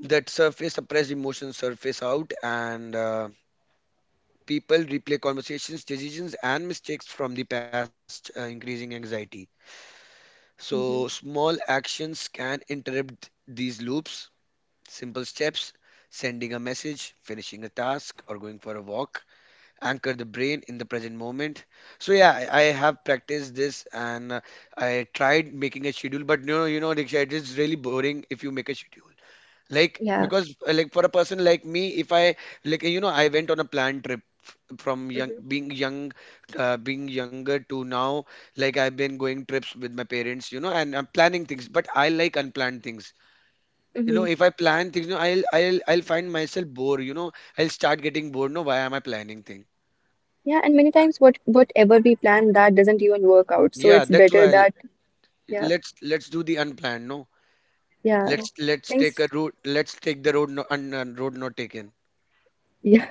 B: that surface suppressed emotions surface out, and people replay conversations, decisions, and mistakes from the past, increasing anxiety. So
A: Hmm.
B: small actions can interrupt these loops, simple steps: sending a message, finishing a task, or going for a walk anchor the brain in the present moment. So yeah, I have practiced this, and I tried making a schedule, but no, you know Diksha, it is really boring if you make a schedule, like
A: Yeah.
B: because like for a person like me, if I like you know, I went on a planned trip f- from
A: Hmm.
B: young, being younger to now, like I've been going trips with my parents, you know, and I'm planning things, but I like unplanned things. You
A: Hmm.
B: know, if I plan things, you know, I'll find myself bored, you know, I'll start getting bored. No, why am I planning things?
A: Yeah, and many times what whatever we plan, that doesn't even work out. So
B: Yeah,
A: it's
B: that's
A: better
B: why
A: that yeah.
B: let's do the unplanned. No,
A: yeah,
B: let's take
A: Things.
B: a route. Let's take the road, no, road not taken.
A: Yeah.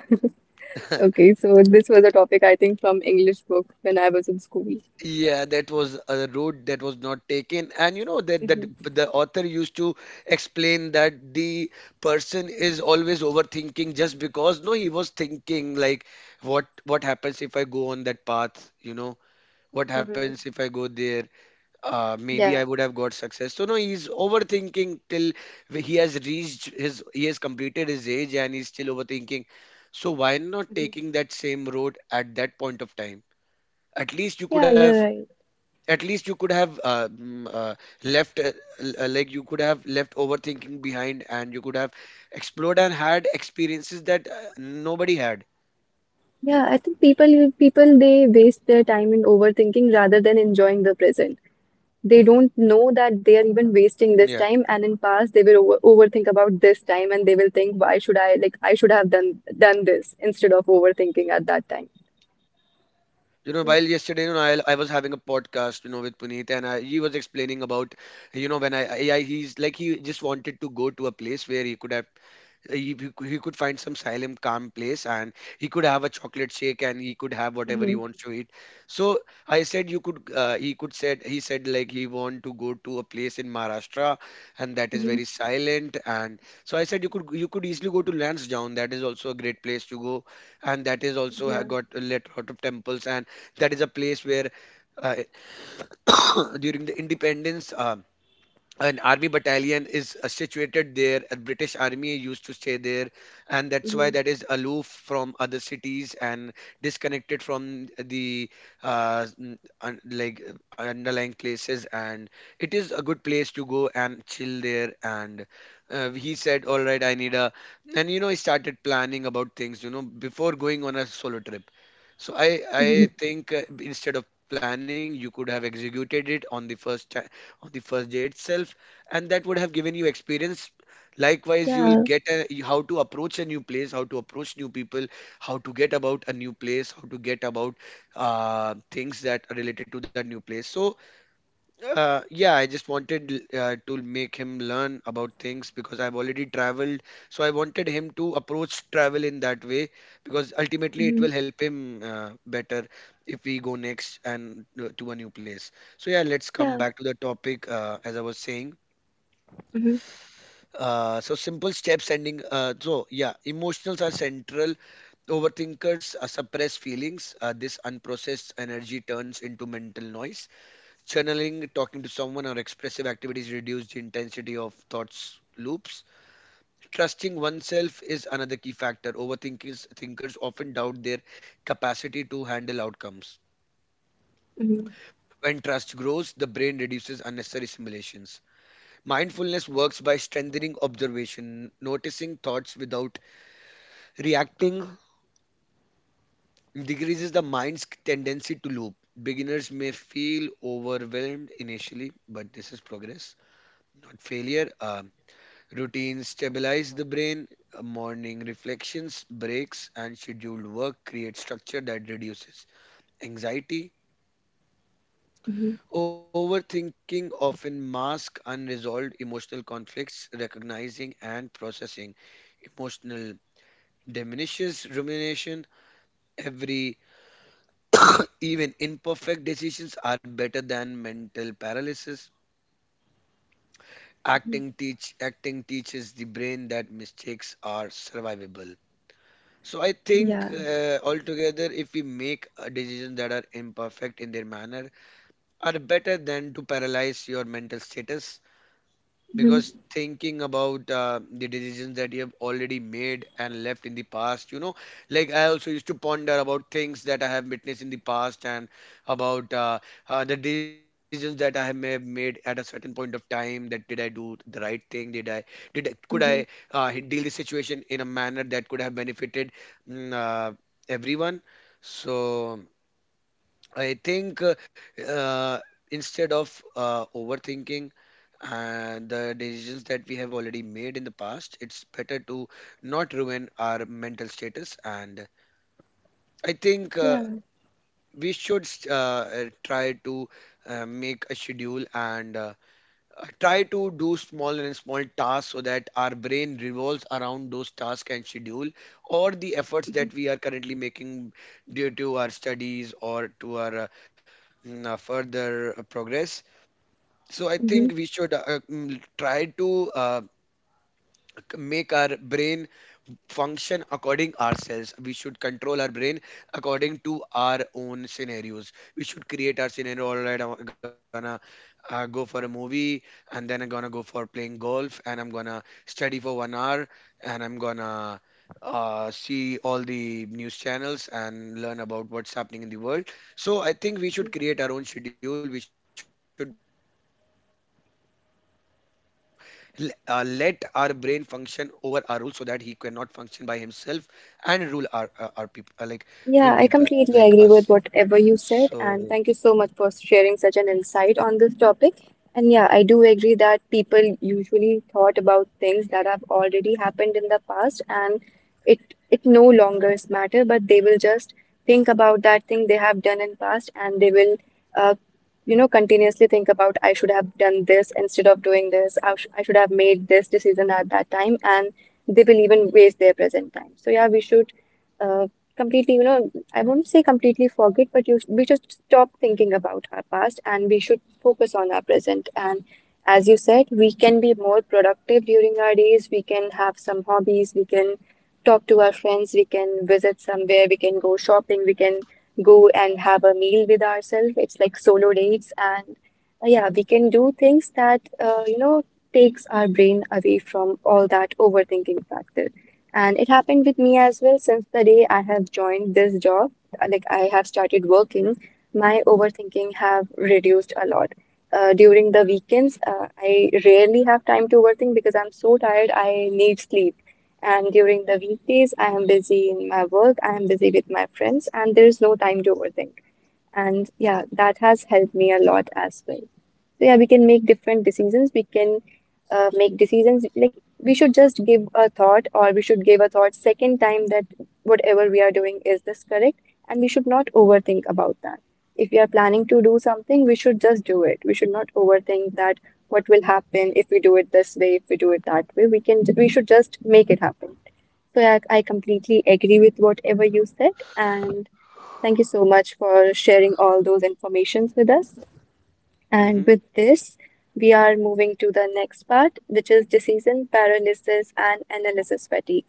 A: Okay, so this was a topic I think from English book when I was in school.
B: Yeah, that was a road that was not taken, and you know that
A: Hmm.
B: the author used to explain that the person is always overthinking just because no, he was thinking like what happens if I go on that path? You know what
A: Hmm.
B: happens if I go there? Uh, maybe
A: Yeah.
B: I would have got success. So no, he's overthinking till he has completed his age and he's still overthinking. So why not
A: Hmm.
B: taking that same road at that point of time? At least you could
A: Yeah,
B: have,
A: you're right.
B: at least you could have left, like you could have left overthinking behind, and you could have explored and had experiences that nobody had.
A: Yeah, I think people they waste their time in overthinking rather than enjoying the present. They don't know that they are even wasting this time, and in past they will over overthink about this time, and they will think, why should I like I should have done this instead of overthinking at that time.
B: You know, while yesterday, I was having a podcast, with Puneet, and he was explaining about, you know, when I He's like he just wanted to go to a place where he could have he could find some silent calm place, and he could have a chocolate shake and he could have whatever
A: Hmm.
B: he wants to eat. So I said you could he said like he want to go to a place in Maharashtra and that is
A: Hmm.
B: very silent. And so I said you could easily go to Lansdowne. That is also a great place to go, and that is also
A: Yeah.
B: got a lot of temples and that is a place where uh, during the independence, an army battalion is situated there. A British army used to stay there, and that's why
A: Mm-hmm.
B: that is aloof from other cities and disconnected from the uh, n- un- like underlying places, and it is a good place to go and chill there. And he said, all right, I need a. And you know he started planning about things, you know, before going on a solo trip. So I think instead of planning, you could have executed it on the on the first day itself, and that would have given you experience. Likewise, you will
A: Yeah,
B: get a, how to approach a new place, how to approach new people, how to get about a new place, how to get about things that are related to that new place. So yeah, I just wanted to make him learn about things because I've already traveled. So I wanted him to approach travel in that way, because ultimately it
A: hmm
B: will help him better if we go next and to a new place. So yeah, let's come
A: yeah,
B: back to the topic as I was saying.
A: hmm
B: So simple steps ending. So yeah, emotionals are central. Overthinkers suppress feelings. This unprocessed energy turns into mental noise. Channeling, talking to someone, or expressive activities reduce the intensity of thoughts loops. Trusting oneself is another key factor. Overthinkers thinkers often doubt their capacity to handle outcomes.
A: hmm
B: When trust grows, the brain reduces unnecessary simulations. Mindfulness works by strengthening observation, noticing thoughts without reacting decreases the mind's tendency to loop. Beginners may feel overwhelmed initially, but this is progress, not failure. Routines stabilize the brain, morning reflections, breaks, and scheduled work create structure that reduces anxiety.
A: hmm
B: Overthinking often masks unresolved emotional conflicts, recognizing and processing emotional diminishes rumination. Every even imperfect decisions are better than mental paralysis. Acting teaches the brain that mistakes are survivable. So I think
A: yeah.
B: altogether, if we make a decisions that are imperfect in their manner, are better than to paralyze your mental status,
A: Mhm.
B: because thinking about the decisions that you have already made and left in the past, you know, like I also used to ponder about things that I have witnessed in the past and about the decisions that I have may have made at a certain point of time. That did I do the right thing, did I did I, could I
A: Mhm.
B: deal the situation in a manner that could have benefited mm, uh, everyone. So I think uh, instead of overthinking and the decisions that we have already made in the past, it's better to not ruin our mental status. And I think
A: Yeah.
B: we should try to make a schedule and try to do small and small tasks so that our brain revolves around those tasks and schedule or the efforts
A: Mhm.
B: that we are currently making due to our studies or to our further progress. So I think
A: Mhm.
B: we should try to make our brain function according ourselves. We should control our brain according to our own scenarios. We should create our scenario. All right, I'm gonna go for a movie, and then I'm gonna go for playing golf, and I'm gonna study for 1 hour, and I'm gonna see all the news channels and learn about what's happening in the world. So I think we should create our own schedule. We should let our brain function over our rules so that he cannot function by himself and rule our people, like rule people like us.
A: Yeah, I
B: So
A: completely agree with whatever you said, and thank you so much for sharing such an insight on this topic. And yeah, I do agree that people usually thought about things that have already happened in the past, and it it no longer matter, but they will just think about that thing they have done in past, and they will, uh, you know, continuously think about I should have done this instead of doing this. I should have made this decision at that time, and they will even waste their present time. So yeah, we should. Uh, Completely, you know, I wouldn't say completely forget, we should stop thinking about our past and we should focus on our present. And as you said, we can be more productive during our days. We can have some hobbies. We can talk to our friends. We can visit somewhere. We can go shopping. We can go and have a meal with ourselves. It's like solo dates. And yeah, we can do things that, you know, takes our brain away from all that overthinking factor. And it happened with me as well since the day I have joined this job, like I have started working, my overthinking have reduced a lot. During the weekends, I rarely have time to overthink because I'm so tired, I need sleep. And during the weekdays, I am busy in my work, I am busy with my friends, and there is no time to overthink. And yeah, that has helped me a lot as well. So yeah, we can make different decisions. We can make decisions like we should just give a thought or we should give a thought second time that whatever we are doing is this correct and we should not overthink about that. If we are planning to do something, we should just do it. We should not overthink that what will happen if we do it this way, if we do it that way. We should just make it happen. So yeah, I completely agree with whatever you said and thank you so much for sharing all those informations with us. And
B: Mhm.
A: with this, we are moving to the next part, which is decision paralysis and analysis fatigue.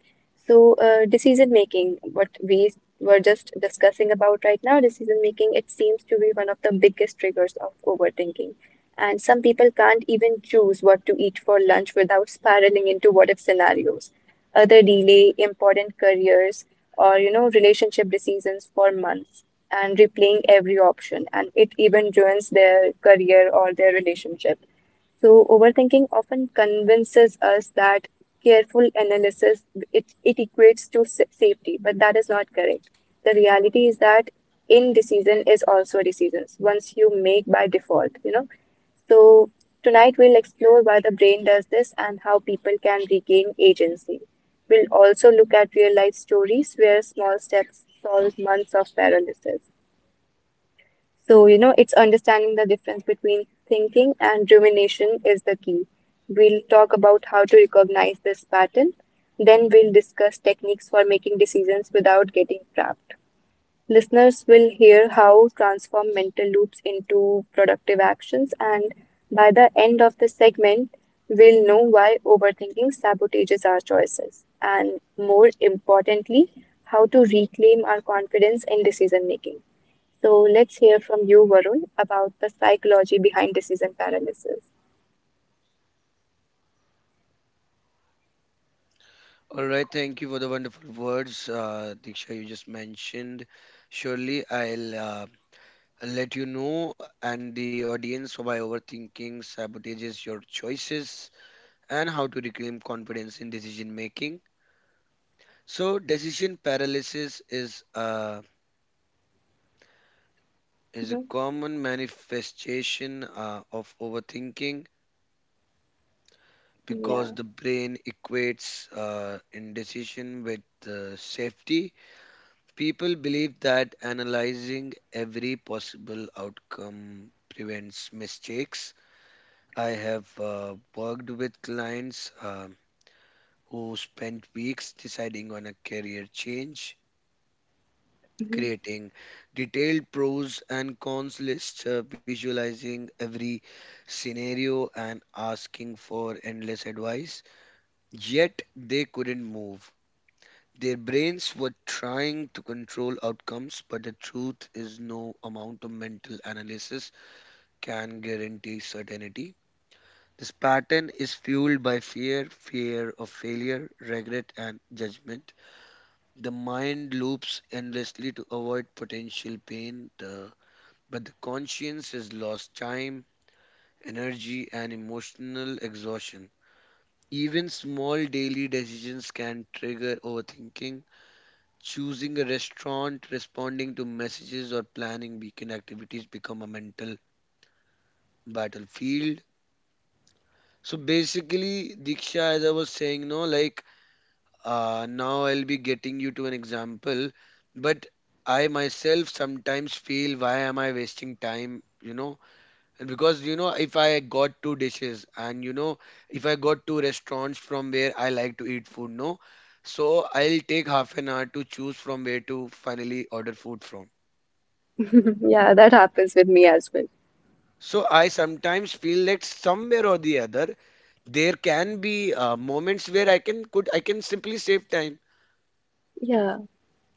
A: So, decision making, what we were just discussing about right now, decision making, it seems to be one of the biggest triggers of overthinking. And some people can't even choose what to eat for lunch without spiraling into what if scenarios. Other delay important careers or, relationship decisions for months and replaying every option, and it even ruins their career or their relationship. So overthinking often convinces us that careful analysis it, it equates to safety, but that is not correct. The reality is that indecision is also decisions once you make by default. So tonight we'll explore why the brain does this and how people can regain agency. We'll also look at real life stories where small steps solve months of paralysis. So, you know, it's understanding the difference between thinking and rumination is the key. We'll talk about how to recognize this pattern. Then we'll discuss techniques for making decisions without getting trapped. Listeners will hear how transform mental loops into productive actions, and by the end of the segment, we'll know why overthinking sabotages our choices, and more importantly, how to reclaim our confidence in decision making. So let's hear from you, Varun, about the psychology behind decision paralysis.
B: All right, thank you for the wonderful words, Diksha, you just mentioned. Surely I'll let you know and the audience why overthinking sabotages your choices and how to reclaim confidence in decision making. So decision paralysis is a
A: Mhm.
B: common manifestation of overthinking, because
A: Yeah.
B: the brain equates indecision with safety. People believe that analyzing every possible outcome prevents mistakes. I have worked with clients who spent weeks deciding on a career change.
A: Mhm.
B: Creating detailed pros and cons lists, visualizing every scenario, and asking for endless advice, yet they couldn't move. Their brains were trying to control outcomes, but the truth is no amount of mental analysis can guarantee certainty. This pattern is fueled by fear, fear of failure, regret, and judgment. The mind loops endlessly to avoid potential pain, but the conscience has lost time, energy, and emotional exhaustion. Even small daily decisions can trigger overthinking. Choosing a restaurant, responding to messages, or planning weekend activities become a mental battlefield. So basically, Diksha, as I was saying, no, like now I'll be getting you to an example, but I myself sometimes feel, why am I wasting time, you know? And because, you know, if I got two dishes and, you know, if I got two restaurants from where I like to eat food, no, so I'll take half an hour to choose from where to finally order food from.
A: Yeah, that happens with me as well.
B: So I sometimes feel that somewhere or the other there can be moments where I can simply save time,
A: Yeah.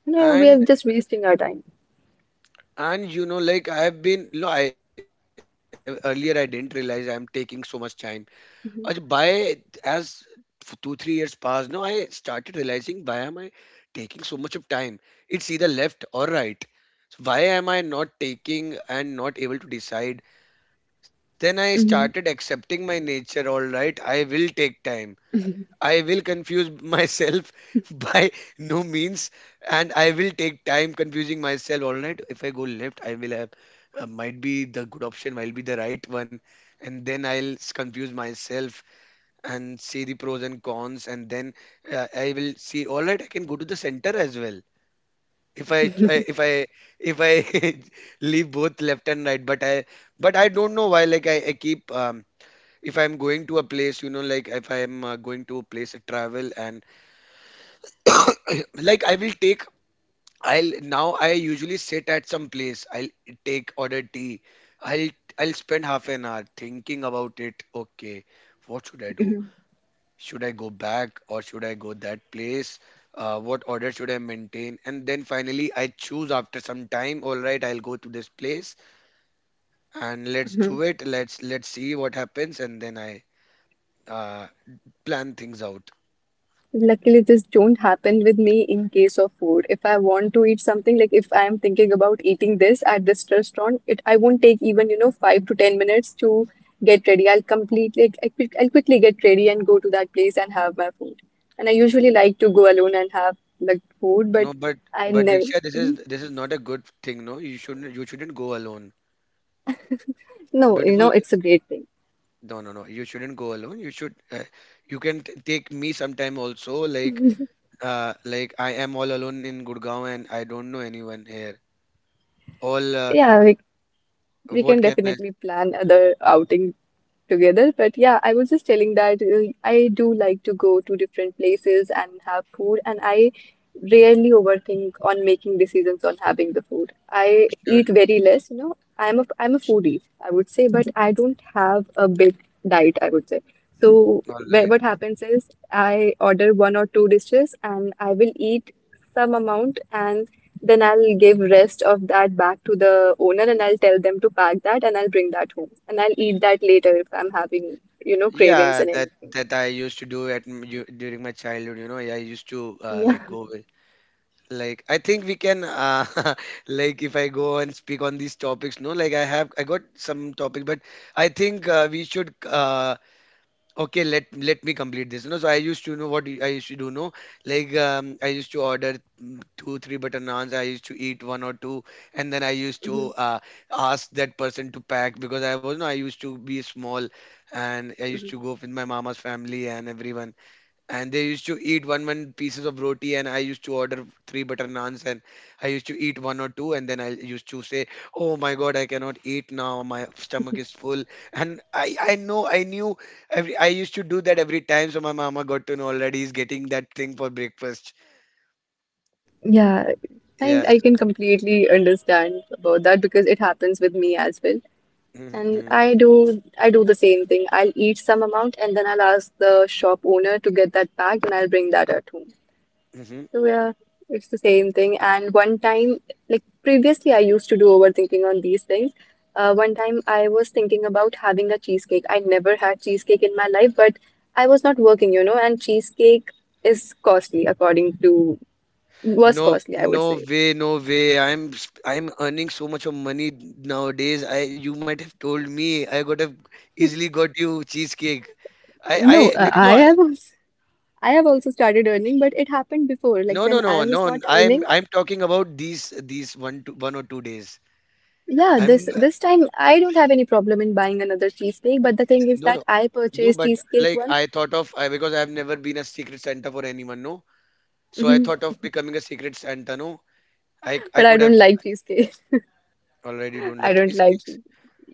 A: You know, we are
B: and
A: just wasting our time.
B: and you know, like I have been no, I earlier I didn't realize I'm taking so much time. Uh, by as 2 3 years passed, no, I started realizing, why am I taking so much of time? It's either left or right. So why am I not taking and not able to decide? Then I
A: Mhm.
B: started accepting my nature. All right, I will take time, I will confuse myself by no means, and I will take time confusing myself. All right, if I go left, I will have might be the good option, might be the right one, and then confuse myself and see the pros and cons, and then I will see. All right, I can go to the center as well if I leave both left and right. But I don't know why. Like, I keep if I'm going to a place, you know, like if I'm going to a place to travel, and like I will take I'll now I usually sit at some place. I'll take order tea. I'll I'll spend half an hour thinking about it. Okay, what should I do?
A: Hmm.
B: Should I go back, or should I go that place? What order should I maintain? And then finally I choose after some time. All right, I'll go to this place and let's do
A: Mhm.
B: it. Let's see what happens, and then I uh, plan things out.
A: Luckily, this don't happen with me in case of food. If I want to eat something, like if I am thinking about eating this at this restaurant, it I won't take even, you know, 5 to 10 minutes to get ready. I'll completely, I'll quickly get ready and go to that place and have my food. And I usually like to go alone and have like food, but
B: No,
A: I
B: but
A: never,
B: Diksha,
A: mhm,
B: this is not a good thing. No, you shouldn't go alone.
A: no, you
B: Beautiful.
A: know, it's a great thing.
B: No, no, no. You shouldn't go alone. You should. You can t take me sometime also. Like I am all alone in Gurgaon and I don't know anyone here. All
A: Yeah, we can
B: What can I?
A: definitely plan other outing together. But yeah, I was just telling that I do like to go to different places and have food, and I rarely overthink on making decisions on having the food. I
B: Sure.
A: eat very less, you know. I'm a foodie, I would say, but I don't have a big diet, I would say. So
B: All
A: where,
B: right.
A: what happens is I order one or two dishes and I will eat some amount and then I'll give rest of that back to the owner and I'll tell them to pack that and I'll bring that home. And I'll eat that later if I'm having, you know, cravings
B: Yeah,
A: and
B: that
A: anything.
B: that I used to do at during my childhood. You know, I used to like go. With. Like I think we can like if I go and speak on these topics, no, like I got some topic. But I think we should okay, let me complete this. You know, so I used to know what I used to do, no, like I used to order two three butter naans. I used to eat one or two, and then I used
A: Mhm,
B: to ask that person to pack, because I was no, I used to be small, and I used
A: mhm.
B: to go with my mama's family and everyone, and they used to eat one one pieces of roti, and I used to order three butter naans, and I used to eat one or two, and then I used to say, oh my god, I cannot eat now, my stomach is full. And I knew every, I used to do that every time. So my mama got to know already, he's getting that thing for breakfast.
A: Yeah, I
B: Yes.
A: I can completely understand about that because it happens with me as well.
B: Hmm.
A: And I do the same thing. I'll eat some amount and then I'll ask the shop owner to get that packed and I'll bring that at home.
B: Hmm.
A: So yeah, it's the same thing. And one time, like previously, I used to do overthinking on these things. One time, I was thinking about having a cheesecake. I never had cheesecake in my life, but I was not working, you know, and cheesecake is costly, according to was
B: No,
A: costly, I
B: no
A: would say.
B: way, no way, I'm I'm earning so much of money nowadays. I, you might have told me, I got have easily got you cheesecake. I
A: No,
B: like, you
A: I
B: know.
A: have als- I have also started earning, but it happened before,
B: No,
A: like
B: no,
A: when
B: no,
A: I
B: no.
A: was not
B: I am,
A: earning.
B: I'm talking about these one to one or two days.
A: Yeah,
B: I'm
A: this time I don't have any problem in buying another cheesecake, but the thing
B: no,
A: is
B: no,
A: that I
B: no.
A: purchased
B: But
A: cheesecake
B: like I
A: once.
B: thought of I, because I've never been a secret Santa for anyone. No, so I
A: Mhm.
B: thought of becoming a secret Santa. No, I
A: But
B: could
A: I
B: have
A: don't like cheesecake.
B: already don't
A: I
B: like
A: don't like
B: cheesecakes.
A: cheese.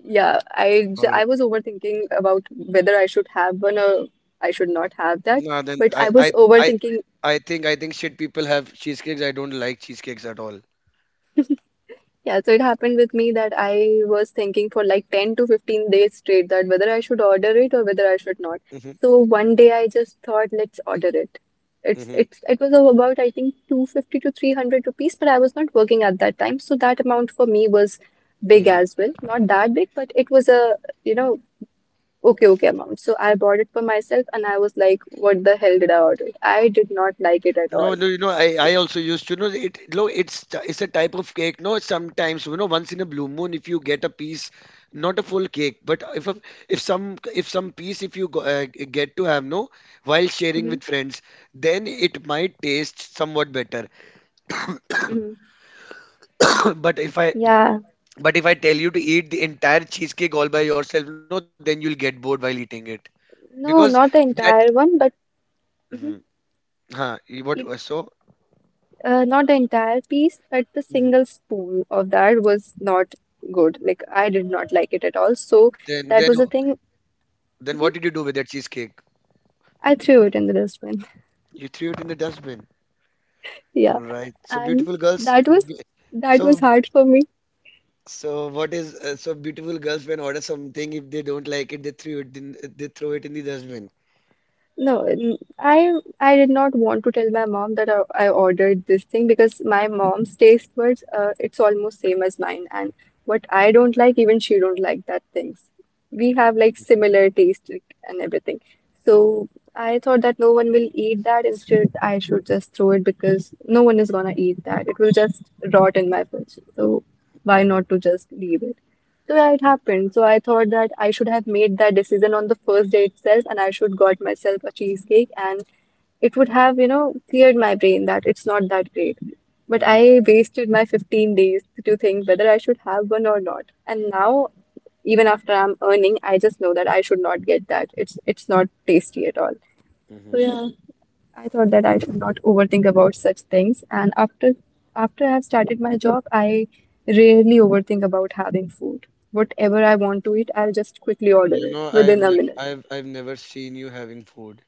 A: Yeah,
B: Or
A: I was overthinking about whether I should have one or I should not have that.
B: no, then
A: But I was
B: I
A: overthinking.
B: I think I think shit people have cheesecakes. I don't like cheesecakes at all.
A: Yeah, so it happened with me that I was thinking for like 10 to 15 days straight that whether I should order it or whether I should not.
B: Hmm.
A: So one day I just thought, let's order it.
B: Hmm.
A: It's it was about I think 250 to 300 rupees, but I was not working at that time, so that amount for me was big
B: Hmm.
A: as well. Not that big, but it was a, you know. Okay, okay, mom. So I bought it for myself and I was like, what the hell did I order? I did not like it at all.
B: No, no, you know, I also used to know it. No, it's it's a type of cake. No, sometimes, you know, once in a blue moon, if you get a piece, not a full cake, but if a, if some piece, if you go, get to have, no, while sharing
A: Hmm.
B: with friends, then it might taste somewhat better.
A: Hmm.
B: But if I
A: Yeah,
B: but if I tell you to eat the entire cheesecake all by yourself, no, then you'll get bored while eating it, because
A: no, not
B: that.
A: the entire one, but
B: Mhm.
A: mhm.
B: Huh, you-
A: If-
B: what so?
A: Not the entire piece, but the
B: Mhm.
A: single spoon of that was not good. Like, I did not like it at all. So
B: Then then
A: that was the thing.
B: then what did you do
A: Mhm.
B: with that cheesecake?
A: I threw it in the dustbin.
B: You threw it in the dustbin. All
A: Yeah.
B: right. So beautiful
A: And
B: girls.
A: that was
B: b-
A: that
B: So
A: was hard for me.
B: so what is so beautiful girls when order something if they don't like it they threw it in, they throw it in the dustbin.
A: No, I did not want to tell my mom that I ordered this thing because my mom's taste buds, it's almost same as mine, and what I don't like, even she don't like that things. We have like
B: Mm-hmm.
A: similar taste like, and everything. So I thought that no one will eat that. Instead, I should just throw it because no one is gonna eat that. It will just rot in my fridge. So why
B: Mm-hmm.
A: not to just leave it? So yeah, it happened. So I thought that I should have made that decision on the first day itself, and I should got myself a cheesecake, and it would have, you know, cleared my brain that it's not that great. But I wasted my 15 days to think whether I should have one or not. And now, even after I'm earning, I just know that I should not get that. It's not tasty at all. So
B: Mm-hmm.
A: yeah. I thought that I should not overthink about such things. And after after I have started my job, I rarely overthink about having food. Whatever I want to eat, I'll just quickly order
B: You
A: it
B: know
A: within
B: I've
A: a
B: ne-
A: minute.
B: I've never seen you having food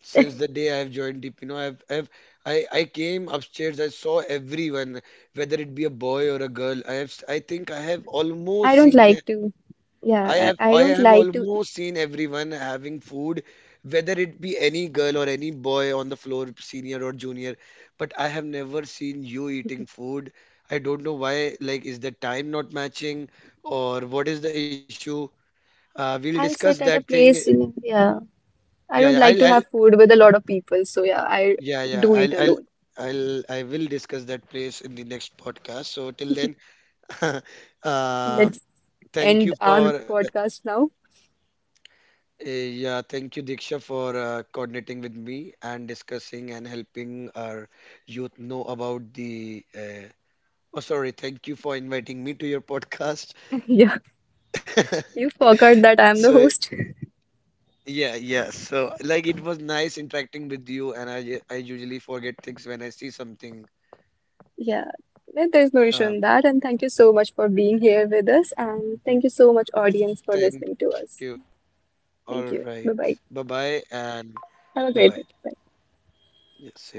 B: since the day I've joined Deep. You know I came upstairs. I saw everyone, whether it be a boy or a girl. I think
A: I don't like to, yeah, I
B: I
A: I don't
B: have
A: like to.
B: almost seen everyone having food, whether it be any girl or any boy on the floor, senior or junior. But I have never seen you eating food. I don't know why. Like, is the time not matching, or what is the issue? We'll discuss
A: I'll
B: that
A: sit at a
B: thing.
A: place, in, yeah.
B: Yeah,
A: I
B: yeah.
A: don't like to
B: I'll,
A: have food with a lot of people, so yeah, I
B: yeah, yeah.
A: do eat alone.
B: I'll, I will discuss that place in the next podcast. So till then,
A: Let's
B: uh,
A: end
B: thank you
A: our
B: for
A: podcast now.
B: Yeah, thank you, Diksha, for coordinating with me and discussing and helping our youth know about the. Oh, sorry. Thank you for inviting me to your podcast.
A: Yeah, you forgot that
B: So,
A: I'm the host.
B: yeah. So, like, it was nice interacting with you, and I usually forget things when I see something.
A: Yeah, no, there's no issue
B: Um,
A: in that. And thank you so much for being here with us. And
B: mhm.
A: thank you so much, audience, for
B: Thank
A: listening
B: you.
A: to us.
B: All right.
A: Thank you.
B: Bye
A: Bye bye.
B: bye, and bye bye.
A: Have a great day. Bye.
B: Yeah, same to you.